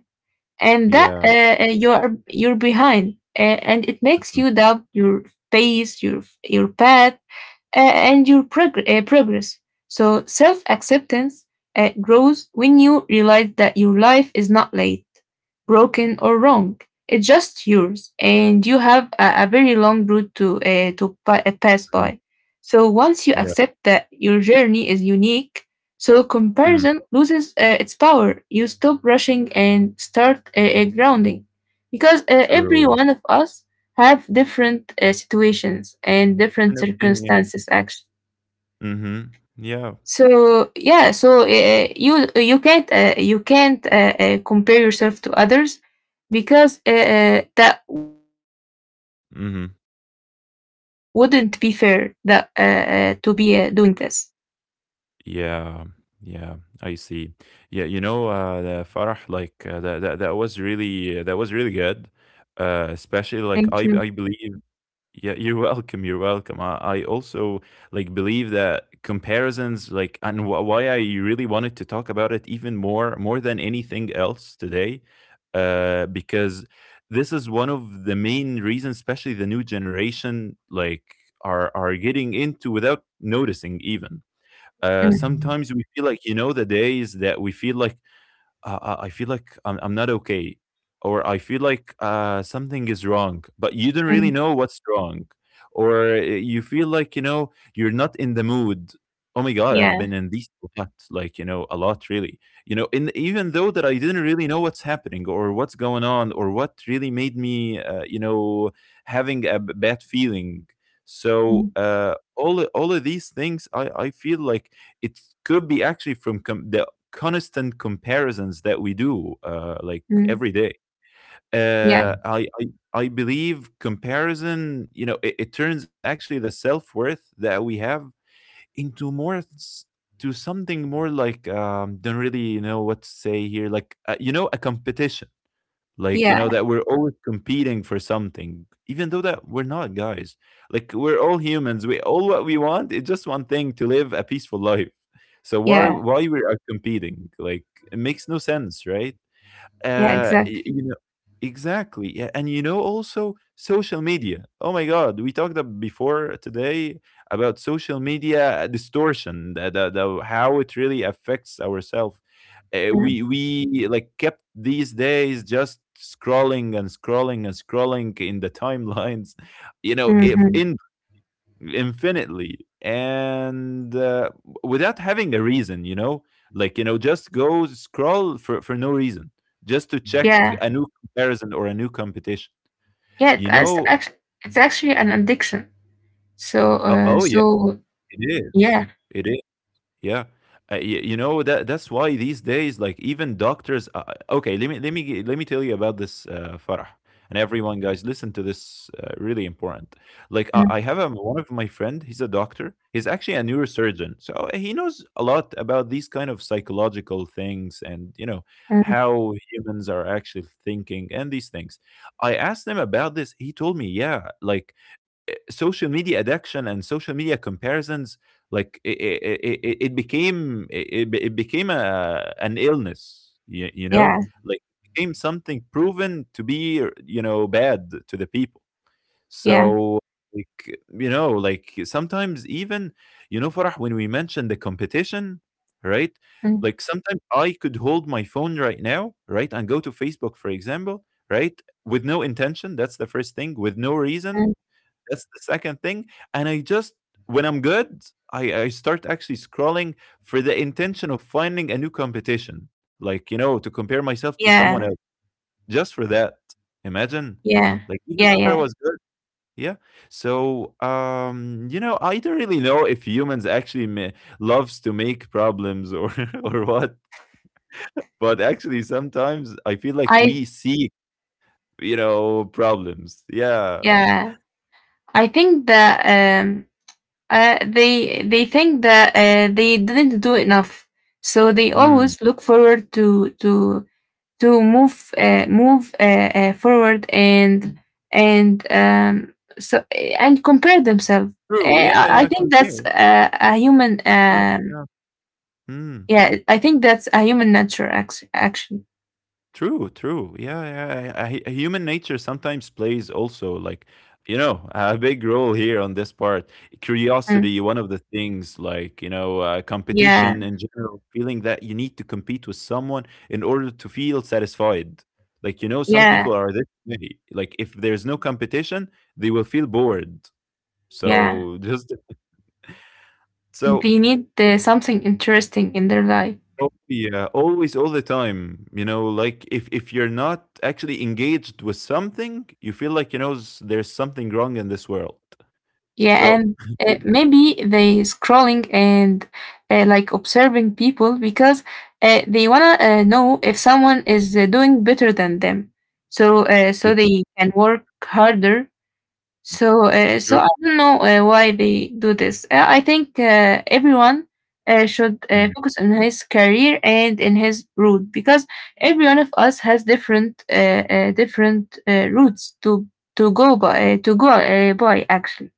Speaker 2: and that
Speaker 1: Yeah.
Speaker 2: you're behind, and it makes
Speaker 1: Mhm.
Speaker 2: you doubt your pace, your path, and your progress. So self acceptance grows when you realize that your life is not late, broken, or wrong. It's just yours, and you have a very long route to pass
Speaker 1: Mhm.
Speaker 2: by. So once you
Speaker 1: Yeah.
Speaker 2: accept that your journey is unique, so
Speaker 1: Mhm.
Speaker 2: comparison loses its power. You stop rushing and start grounding, because every
Speaker 1: True.
Speaker 2: one of us have different situations and different
Speaker 1: An opinion.
Speaker 2: circumstances actually.
Speaker 1: Hmm. Yeah.
Speaker 2: So yeah, so you can't compare yourself to others, because that wouldn't be fair, that
Speaker 1: Mm-hmm.
Speaker 2: to be doing this.
Speaker 1: Yeah, yeah, I see. Yeah, the Farah, like that was really, that was really good. Especially like
Speaker 2: Thank
Speaker 1: I,
Speaker 2: you.
Speaker 1: I believe. Yeah, you're welcome. You're welcome. I also like believe that comparisons, like, and wh why I really wanted to talk about it even more than anything else today, because this is one of the main reasons, especially the new generation, like, are getting into without noticing even.
Speaker 2: Mm,
Speaker 1: Sometimes we feel like, the days that we feel like, I feel like I'm not okay, or I feel like something is wrong, but you don't really
Speaker 2: mm,
Speaker 1: know what's wrong, or you feel like you're not in the mood. Oh my God, I've
Speaker 2: yeah,
Speaker 1: been in these a lot, like a lot really. You know, in Even though that I didn't really know what's happening or what's going on or what really made me, having a bad feeling. So
Speaker 2: mm,
Speaker 1: all of these things, I feel like it could be actually from the constant comparisons that we do like
Speaker 2: mm,
Speaker 1: every day.
Speaker 2: yeah,
Speaker 1: Uh, I, I I believe comparison, it turns actually the self worth that we have into to something more, like, don't really know what to say here, like, a competition. Like, you know
Speaker 2: yeah,
Speaker 1: that we're always competing for something, even though that we're not, guys. Like, we're all humans. We all, what we want is just one thing, to live a peaceful life. So why
Speaker 2: yeah,
Speaker 1: why we are competing, like, it makes no sense, right?
Speaker 2: yeah,
Speaker 1: uh, y-
Speaker 2: exactly.
Speaker 1: you know, exactly. Yeah, and also social media. Oh my God, we talked before today about social media distortion, the how it really affects ourselves. Uh,
Speaker 2: Mm,
Speaker 1: we we like kept these days just scrolling and scrolling and scrolling in the timelines, You know, if
Speaker 2: mhm.
Speaker 1: in infinitely, and without having a reason, like, just go scroll for no reason, just to check
Speaker 2: Yeah,
Speaker 1: a new comparison or a new competition
Speaker 2: yeah.
Speaker 1: you
Speaker 2: it's
Speaker 1: know
Speaker 2: actually it's actually an addiction, so
Speaker 1: oh, oh yeah,
Speaker 2: so
Speaker 1: it is
Speaker 2: yeah.
Speaker 1: it. Yeah. You know that that's why these days, like, even doctors, okay, let me tell you about this, Farah, and everyone, guys, listen to this, really important. Like, I,
Speaker 2: Mm,
Speaker 1: I have one of my friend, he's a doctor, he's actually a neurosurgeon, so he knows a lot about these kind of psychological things and you know
Speaker 2: mm.
Speaker 1: how humans are actually thinking and these things. I asked him about this, he told me, yeah, like social media addiction and social media comparisons, like, it became an illness, you know.
Speaker 2: Yeah,
Speaker 1: Like it became something proven to be bad to the people.
Speaker 2: yeah.
Speaker 1: So, like, like sometimes even, Farah, when we mentioned the competition, right?
Speaker 2: Mm,
Speaker 1: Like, sometimes I could hold my phone right now, right? And go to Facebook, for example, right? With no intention. That's the first thing. With no reason.
Speaker 2: mm.
Speaker 1: That's the second thing. And I just, when I'm good, I start actually scrolling for the intention of finding a new competition. Like, to compare myself to someone
Speaker 2: Yeah,
Speaker 1: else, just for that. Imagine.
Speaker 2: yeah,
Speaker 1: Like, even
Speaker 2: yeah,
Speaker 1: if I
Speaker 2: yeah.
Speaker 1: was good. Yeah. So, I don't really know if humans actually loves to make problems, or or what, but actually sometimes I feel like
Speaker 2: I.
Speaker 1: we seek, problems. Yeah.
Speaker 2: Yeah, I think that um they think that they didn't do enough. So they
Speaker 1: Mm.
Speaker 2: always look forward to move forward, and so and compare themselves.
Speaker 1: True. Yeah,
Speaker 2: I
Speaker 1: yeah,
Speaker 2: I think that's
Speaker 1: compare.
Speaker 2: a human
Speaker 1: That's enough. Yeah. Mm.
Speaker 2: yeah, I think that's a human nature actually.
Speaker 1: True, true. Yeah, yeah. Human nature sometimes plays also, like, a big role here on this part.
Speaker 2: Mm.
Speaker 1: Curiosity, one of the things, like, competition
Speaker 2: Yeah,
Speaker 1: in general, feeling that you need to compete with someone in order to feel satisfied. Like, some
Speaker 2: yeah.
Speaker 1: people are this way. Like, if there's no competition, they will feel bored.
Speaker 2: Yeah,
Speaker 1: So, just so.
Speaker 2: they need something interesting in their life.
Speaker 1: Oh yeah, always, all the time. Like, if you're not actually engaged with something, you feel like there's something wrong in this world.
Speaker 2: Yeah,
Speaker 1: So,
Speaker 2: and
Speaker 1: it,
Speaker 2: maybe they scrolling and like observing people because they wanna know if someone is doing better than them, so
Speaker 1: you,
Speaker 2: so they can work harder. So, so
Speaker 1: true.
Speaker 2: I don't know why they do this. I think everyone should
Speaker 1: Mm.
Speaker 2: focus on his career and in his route, because every one of us has different routes to go by actually.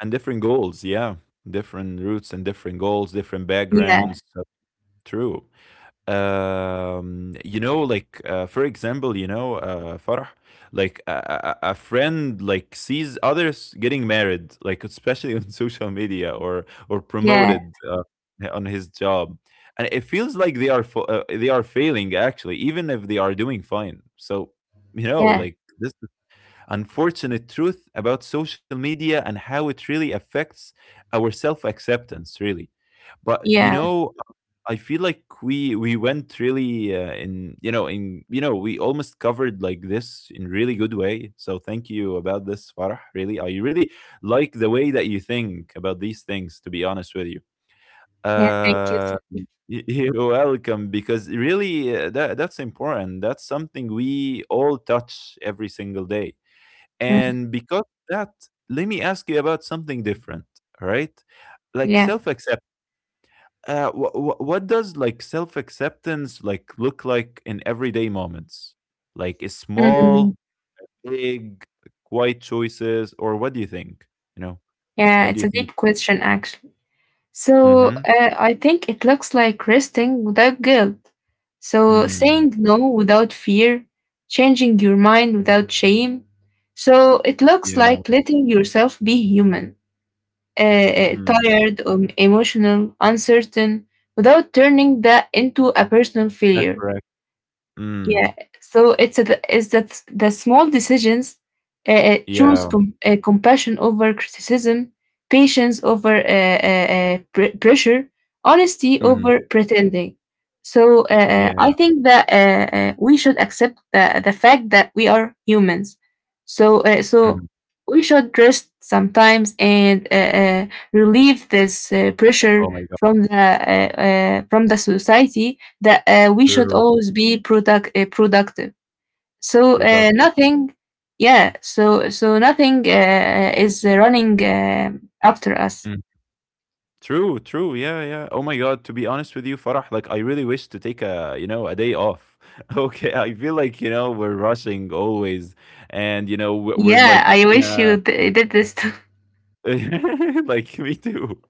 Speaker 1: And different goals, yeah, different routes and different goals, different
Speaker 2: Yeah,
Speaker 1: backgrounds. So, true. For example, Farah, like a friend, like, sees others getting married, like, especially on social media, or
Speaker 2: yeah,
Speaker 1: promoted, on his job, and it feels like they are failing, actually, even if they are doing fine. So,
Speaker 2: yeah,
Speaker 1: like, this is unfortunate truth about social media and how it really affects our self acceptance, really. But,
Speaker 2: yeah,
Speaker 1: I feel like we went really, in you know we almost covered like this in really good way. So thank you about this, Farah. Really, I really like the way that you think about these things. To be honest with you,
Speaker 2: yeah. Thank you.
Speaker 1: uh, you're welcome. Because really, that's important. That's something we all touch every single day.
Speaker 2: Mm,
Speaker 1: And because of that, let me ask you about something different. All right, like,
Speaker 2: yeah,
Speaker 1: self acceptance, what does, like, self acceptance, like, look like in everyday moments? Like, a
Speaker 2: mm,
Speaker 1: small, big, quiet choices, or what do you think? You know,
Speaker 2: yeah.
Speaker 1: what do
Speaker 2: It's
Speaker 1: you
Speaker 2: a
Speaker 1: think?
Speaker 2: deep question actually. So
Speaker 1: Mm-hmm.
Speaker 2: I think it looks like resting without guilt. So
Speaker 1: Mm.
Speaker 2: saying no without fear, changing your mind without shame. So it looks
Speaker 1: Yeah.
Speaker 2: like letting yourself be human,
Speaker 1: Mm.
Speaker 2: tired, emotional, uncertain, without turning that into a personal
Speaker 1: That's
Speaker 2: failure.
Speaker 1: correct. Mm.
Speaker 2: Yeah, so is that the small decisions, choose
Speaker 1: Yeah.
Speaker 2: compassion over criticism, patience over pressure, honesty
Speaker 1: Mm.
Speaker 2: over pretending. So I
Speaker 1: Yeah.
Speaker 2: think that we should accept the fact that we are humans. So
Speaker 1: Mm.
Speaker 2: so we should rest sometimes and relieve this
Speaker 1: Oh
Speaker 2: pressure
Speaker 1: my God.
Speaker 2: from the society, that we should
Speaker 1: True.
Speaker 2: always be productive. So
Speaker 1: Productive.
Speaker 2: nothing, yeah. So nothing is running after us.
Speaker 1: Mm. True, true. Yeah, yeah. Oh my God. To be honest with you, Farah, like I really wish to take a day off. Okay, I feel like,
Speaker 2: Yeah, I
Speaker 1: we're
Speaker 2: wish
Speaker 1: rushing
Speaker 2: did
Speaker 1: always,
Speaker 2: this. Too.
Speaker 1: and we're like, yeah. Like, me too.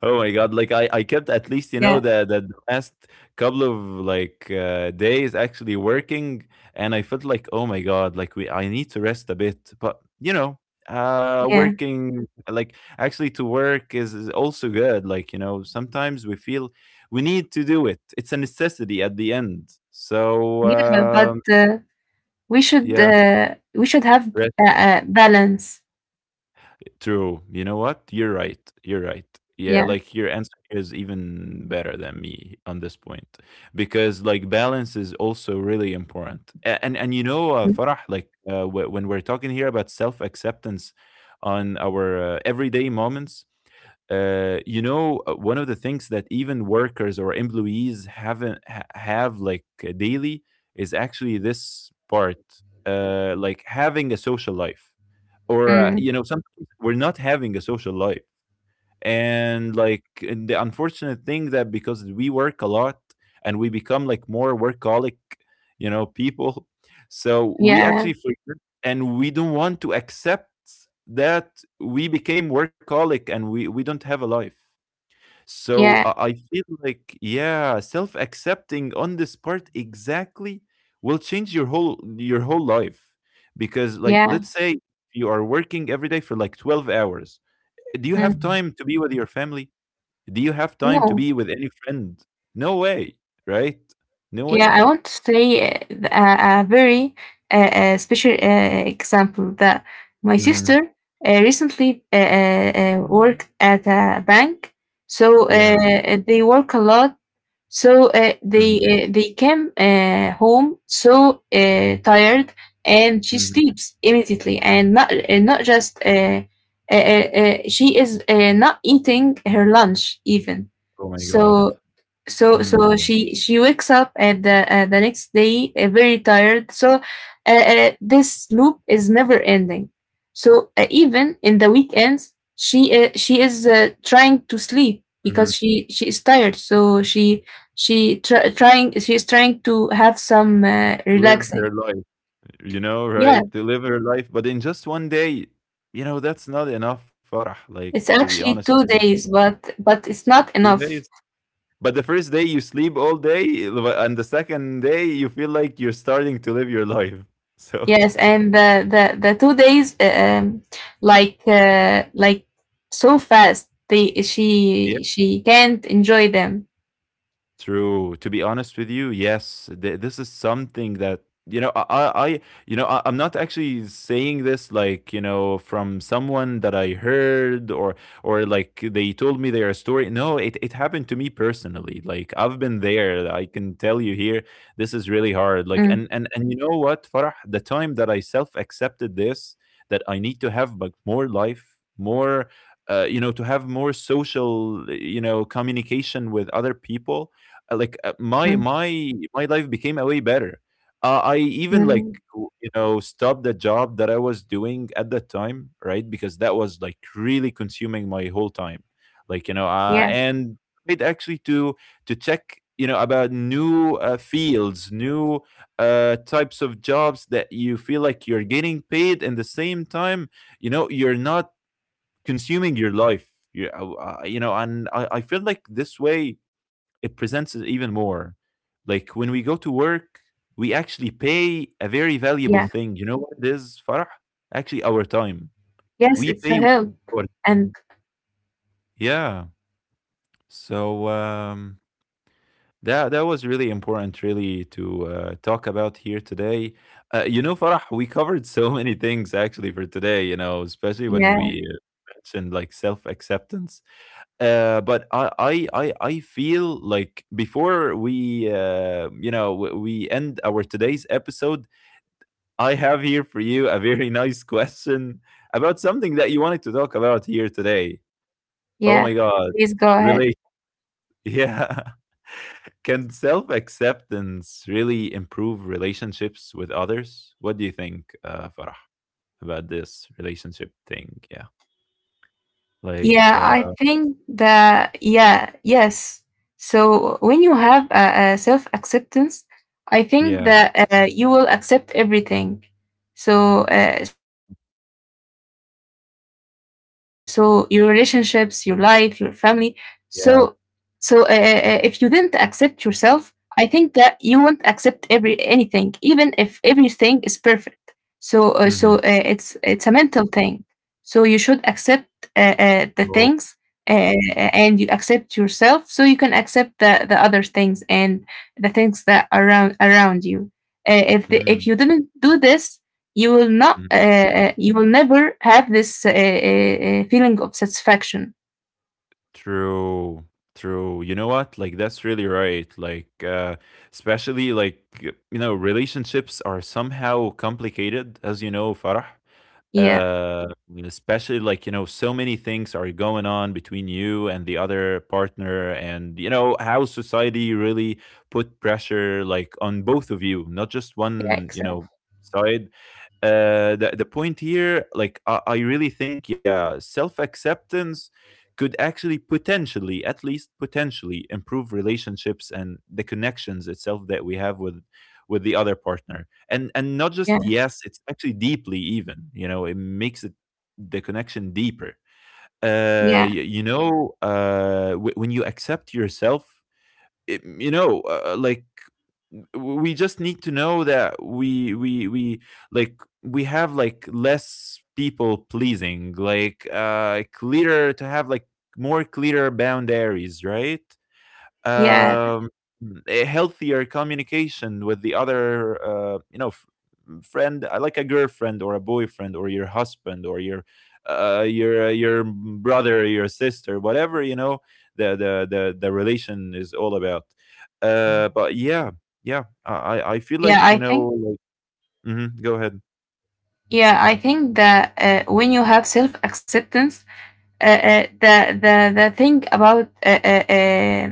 Speaker 1: Oh my god, like, I kept at least,
Speaker 2: Yeah,
Speaker 1: the last couple of, like, days actually working, and I felt like, "Oh my god, like, we I need to rest a bit." But,
Speaker 2: yeah,
Speaker 1: working, like, actually to work is also good. Like, sometimes we feel we need to do it. It's a necessity at the end. So,
Speaker 2: yeah. But uh, we should
Speaker 1: yeah.
Speaker 2: uh, we should have balance.
Speaker 1: True. You know what? You're right. You're right. Yeah,
Speaker 2: Yeah.
Speaker 1: like, your answer is even better than me on this point, because, like, balance is also really
Speaker 2: Mm.
Speaker 1: important. And Farah, like, when we're talking here about self acceptance on our, everyday moments, one of the things that even workers or employees haven't ha- have, like, daily, is actually this part, like, having a social life, or,
Speaker 2: Mm.
Speaker 1: sometimes we're not having a social life. And, like, and the unfortunate thing, that because we work a lot, and we become like more workaholic, people, so we
Speaker 2: Yeah.
Speaker 1: actually forget, and we don't want to accept that we became workaholic and we don't have a life. So I
Speaker 2: Yeah.
Speaker 1: I feel like, yeah, self accepting on this part exactly will change your whole life. Because, like, let's
Speaker 2: Yeah.
Speaker 1: say you are working every day for like 12 hours. Do you have
Speaker 2: Mm.
Speaker 1: time to be with your family? Do you have time to
Speaker 2: No.
Speaker 1: be with any friend? No way, right? No
Speaker 2: Yeah,
Speaker 1: way.
Speaker 2: I want to say a very special example that my
Speaker 1: Hmm.
Speaker 2: sister recently worked at a bank. So
Speaker 1: Yeah.
Speaker 2: they work a lot. So
Speaker 1: Hmm.
Speaker 2: they came home so tired, and she sleeps immediately, and not just, she is not eating her lunch even.
Speaker 1: Oh my God.
Speaker 2: So so
Speaker 1: Mm-hmm.
Speaker 2: she wakes up and the next day very tired, so this loop is never ending. So even in the weekends she is trying to sleep because she is tired, so she is trying to have some
Speaker 1: Live her
Speaker 2: relaxing.
Speaker 1: life. You know,
Speaker 2: Yeah,
Speaker 1: right? To live her life. But in just one day, that's not enough, Farah, like,
Speaker 2: it's
Speaker 1: to be
Speaker 2: actually
Speaker 1: honest with
Speaker 2: 2
Speaker 1: you.
Speaker 2: days, but it's not
Speaker 1: 2 days.
Speaker 2: enough.
Speaker 1: But the first day you sleep all day, and the second day you feel like you're starting to live your life. So,
Speaker 2: Yes, and the 2 days, like so fast. They
Speaker 1: yeah.
Speaker 2: she can't enjoy them.
Speaker 1: True. To be honest with you, yes, this is something that you know. I'm not actually saying this like, from someone that I heard, or like they told me their story. No, it happened to me personally. Like, I've been
Speaker 2: Mm,
Speaker 1: there. I can tell you here, this is really hard. Like, and you know what, Farah, the time that I self accepted this, that I need to have but more life, more, to have more social, communication with other people, like, my
Speaker 2: mm,
Speaker 1: my my life became a way better. I even like
Speaker 2: mm.
Speaker 1: stopped the job that I was doing at that time, right? Because that was like really consuming my whole time.
Speaker 2: Yeah,
Speaker 1: And it actually to check you know about new fields, new types of jobs that you feel like you're getting paid, and the same time, you know, you're not consuming your life. You, you know, and I feel like this way it presents it even more. Like when we go to work, we actually
Speaker 2: yeah.
Speaker 1: pay a very valuable thing. You know what it is, Farah? Actually, our time.
Speaker 2: Yes, it's
Speaker 1: We
Speaker 2: a
Speaker 1: pay
Speaker 2: help.
Speaker 1: our
Speaker 2: And
Speaker 1: yeah. So that was really important, really, to talk about here today. You know, Farah, we covered so many things actually for today. You know, especially when
Speaker 2: yeah,
Speaker 1: we mentioned like self acceptance. But I feel like before we you know we end our today's episode, I have here for you a very nice question about something that you wanted to talk about here today. Oh my
Speaker 2: yeah.
Speaker 1: God,
Speaker 2: Please go ahead.
Speaker 1: really? Yeah. Can self acceptance really improve relationships with others? What do you think, Farah, about this relationship thing? Yeah, like
Speaker 2: Yeah,
Speaker 1: uh,
Speaker 2: I think that, yeah, yes. So when you have a self acceptance, I think
Speaker 1: yeah,
Speaker 2: that you will accept everything. So, so your relationships, your life, your family. So, so, if you
Speaker 1: yeah.
Speaker 2: didn't accept yourself, I think that you won't accept every anything, even if everything is perfect. So, so
Speaker 1: Mm-hmm.
Speaker 2: it's a mental thing, so you should accept the
Speaker 1: Cool.
Speaker 2: things, and you accept yourself so you can accept the other things and the things that are around you.
Speaker 1: Mm-hmm.
Speaker 2: If you didn't do this, you will not, you will never have this feeling of satisfaction.
Speaker 1: True, true. You know what? Like that's really right. Especially like you know, relationships are somehow complicated, as you know, Farah.
Speaker 2: Yeah,
Speaker 1: Uh especially like, you know, so many things are going on between you and the other partner and you know how society really put pressure like on both of you, not just
Speaker 2: yeah,
Speaker 1: one, you know,
Speaker 2: exactly.
Speaker 1: side the point here like I really think yeah self-acceptance could actually potentially, at least potentially, improve relationships and the connections itself that we have with the other partner. And not just
Speaker 2: Yeah,
Speaker 1: yes, it's actually deeply even. You know, it makes it the connection deeper.
Speaker 2: yeah,
Speaker 1: You know, when you accept yourself, it, you know, like we just need to know that we like we have like less people pleasing like clearer to have like more clearer boundaries right
Speaker 2: yeah,
Speaker 1: um, a healthier communication with the other, you know, friend, like a girlfriend or a boyfriend or your husband or your your brother, your sister, whatever you know, the relation is all about. But yeah, yeah, I feel
Speaker 2: yeah.
Speaker 1: like
Speaker 2: I
Speaker 1: you know,
Speaker 2: think,
Speaker 1: like, mhm, go ahead.
Speaker 2: yeah, I think that when you have self acceptance, uh, uh, the the thing about uh, uh, uh,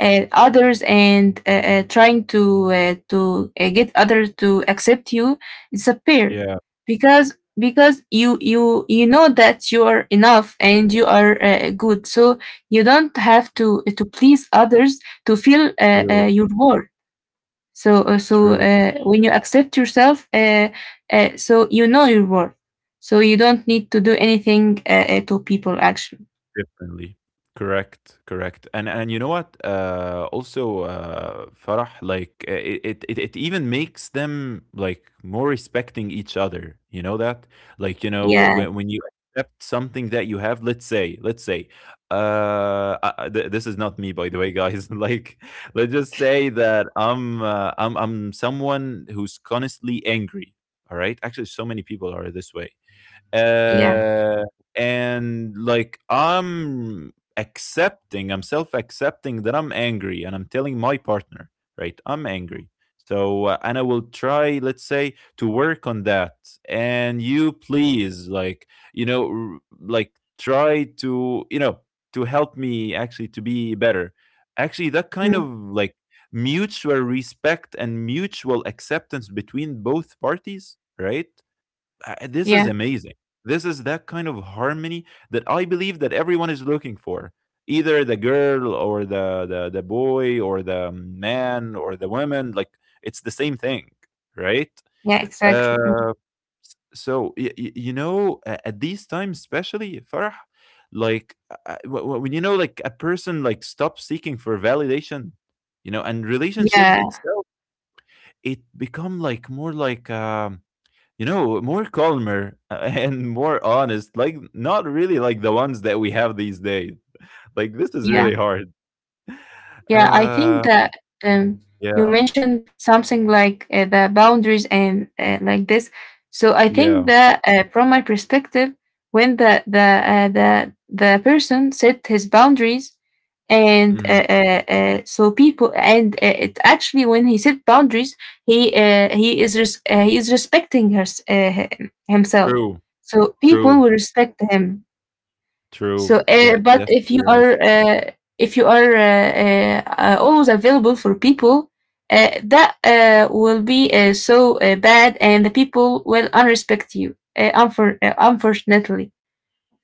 Speaker 2: uh, others and trying to get others to accept you is a pair.
Speaker 1: Yeah,
Speaker 2: Because you know that you are enough and you are good, so you don't have to please others to feel
Speaker 1: true,
Speaker 2: your worth. so uh, so
Speaker 1: true.
Speaker 2: uh, when you accept yourself, so you know your worth, so you don't need to do anything to people actually.
Speaker 1: Differently. Correct, correct. And you know what? Also, Farah, it even makes them like more respecting each other. You know that? Like you know
Speaker 2: Yeah,
Speaker 1: when you accept something that you have. Let's say, uh, this is not me, by the way, guys. like, let's just say that I'm someone who's constantly angry. All right. Actually, so many people are this way.
Speaker 2: yeah,
Speaker 1: Uh, and like I'm accepting, I'm self accepting that I'm angry and I'm telling my partner, right? I'm angry. So, and I will try, let's say, to work on that. And you please, like, you know, like try to, you know, to help me actually to be better. Actually, that kind of
Speaker 2: mm,
Speaker 1: like mutual respect and mutual acceptance between both parties, right? This is
Speaker 2: yeah,
Speaker 1: amazing. This is that kind of harmony that I believe that everyone is looking for. Either the girl or the boy or the man or the woman, like it's the same thing, right?
Speaker 2: yeah, exactly. Mm.
Speaker 1: Uh, so you know, at these times, especially Farah, when you know, like a person like stops seeking for validation, you know, and relationship
Speaker 2: Yeah,
Speaker 1: itself, it become like more like you know, more calmer and more honest, like not really like the ones that we have these days. Like this is really
Speaker 2: yeah,
Speaker 1: hard.
Speaker 2: yeah. I think
Speaker 1: Uh,
Speaker 2: that um,
Speaker 1: yeah,
Speaker 2: you mentioned something like the boundaries and like this. So I think
Speaker 1: yeah.
Speaker 2: that from my perspective, when the person set his boundaries, and
Speaker 1: Hmm.
Speaker 2: so people and it actually when he set boundaries, he he is respecting her, himself.
Speaker 1: True,
Speaker 2: So people
Speaker 1: true,
Speaker 2: will respect him.
Speaker 1: true.
Speaker 2: So,
Speaker 1: That that's
Speaker 2: but
Speaker 1: really right.
Speaker 2: if you are always available for people, that will be so bad, and the people will unrespect you. Unfortunately,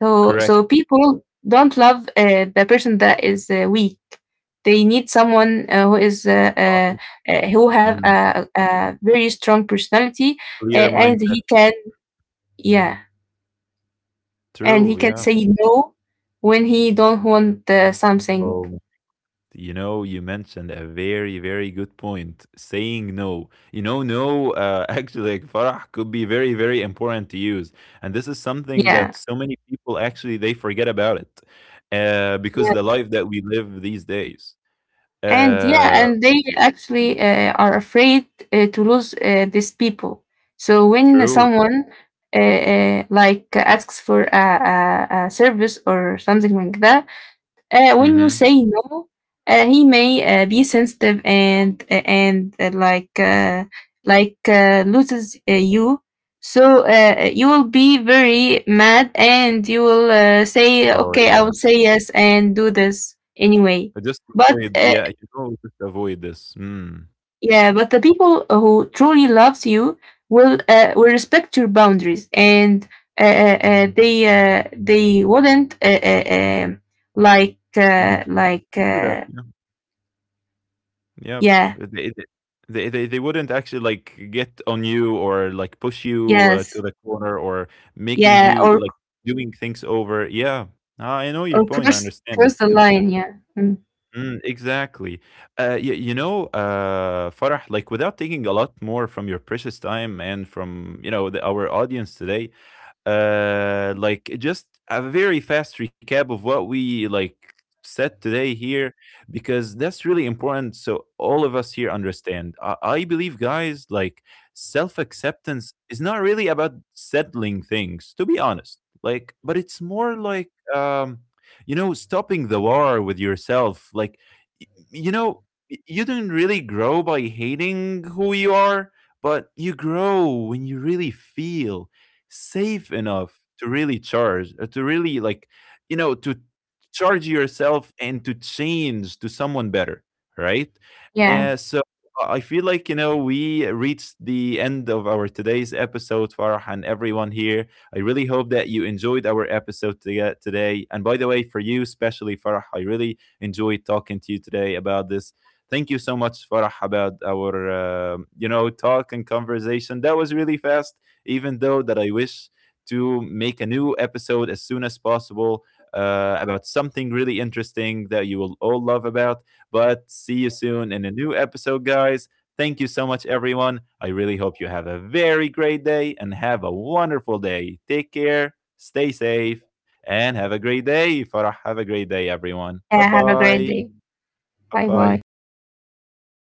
Speaker 2: so
Speaker 1: Correct.
Speaker 2: so people don't love the person that is weak. They need someone who is
Speaker 1: Right.
Speaker 2: who have
Speaker 1: Mm.
Speaker 2: a very strong personality,
Speaker 1: Clear
Speaker 2: and
Speaker 1: mindset.
Speaker 2: he can. Yeah, and he
Speaker 1: True.
Speaker 2: can
Speaker 1: Yeah.
Speaker 2: say no when he don't want the something.
Speaker 1: Oh, you know, you mentioned a very, very good point. Saying no. You know, no, actually, like Farah could be very, very important to use. And this is something
Speaker 2: Yeah,
Speaker 1: that so many people actually they forget about it because
Speaker 2: yeah,
Speaker 1: the life that we live these days.
Speaker 2: and yeah,
Speaker 1: Uh,
Speaker 2: and they actually are afraid to lose these people. So when
Speaker 1: true.
Speaker 2: someone like asks for a service or something like that, when you
Speaker 1: Hmm.
Speaker 2: say no, he may be sensitive and loses you. So you will be very mad, and you will say,
Speaker 1: Oh,
Speaker 2: "Okay,
Speaker 1: yeah.
Speaker 2: I will say yes and do this anyway."
Speaker 1: Just
Speaker 2: But
Speaker 1: avoid, yeah, you know, just avoid this. Mm.
Speaker 2: Yeah, but the people who truly loves you will respect your boundaries, and they wouldn't, like uh,
Speaker 1: Mhm.
Speaker 2: like.
Speaker 1: Do that. Yeah. Yeah,
Speaker 2: Yeah.
Speaker 1: They they they wouldn't actually, like, get on you or, like, push you,
Speaker 2: Yes.
Speaker 1: to the corner or making
Speaker 2: Yeah.
Speaker 1: you,
Speaker 2: Or
Speaker 1: like, doing things over. Yeah. I know your
Speaker 2: or
Speaker 1: point, I
Speaker 2: cross
Speaker 1: understand it,
Speaker 2: cross the
Speaker 1: yeah.
Speaker 2: line. Yeah. Mm.
Speaker 1: Mm, exactly. You you know, Farah, like, without taking a lot more from your precious time and from, you know, the our audience today, like just a very fast recap of what we like said today here because that's really important so all of us here understand I believe guys like self-acceptance is not really about settling things to be honest like but it's more like you know stopping the war with yourself like you know you don't really grow by hating who you are but you grow when you really feel safe enough to really charge, to really like, you know, to charge yourself and to change to someone better, right?
Speaker 2: Yeah.
Speaker 1: And so I feel like, you know, we reached the end of our today's episode, Farah and everyone here. I really hope that you enjoyed our episode to- today. And by the way, for you, especially Farah, I really enjoyed talking to you today about this. Thank you so much, Farah, about our, you know, talk and conversation. That was really fast even though that I wish to make a new episode as soon as possible about something really interesting that you will all love about. But see you soon in a new episode, guys. Thank you so much, everyone. I really hope you have a very great day and have a wonderful day. Take care, stay safe, and have a great day. Farah, have a great day, everyone. Bye
Speaker 2: Yeah. Have a great
Speaker 1: bye.
Speaker 2: day.
Speaker 1: Bye
Speaker 2: Bye bye.
Speaker 1: bye.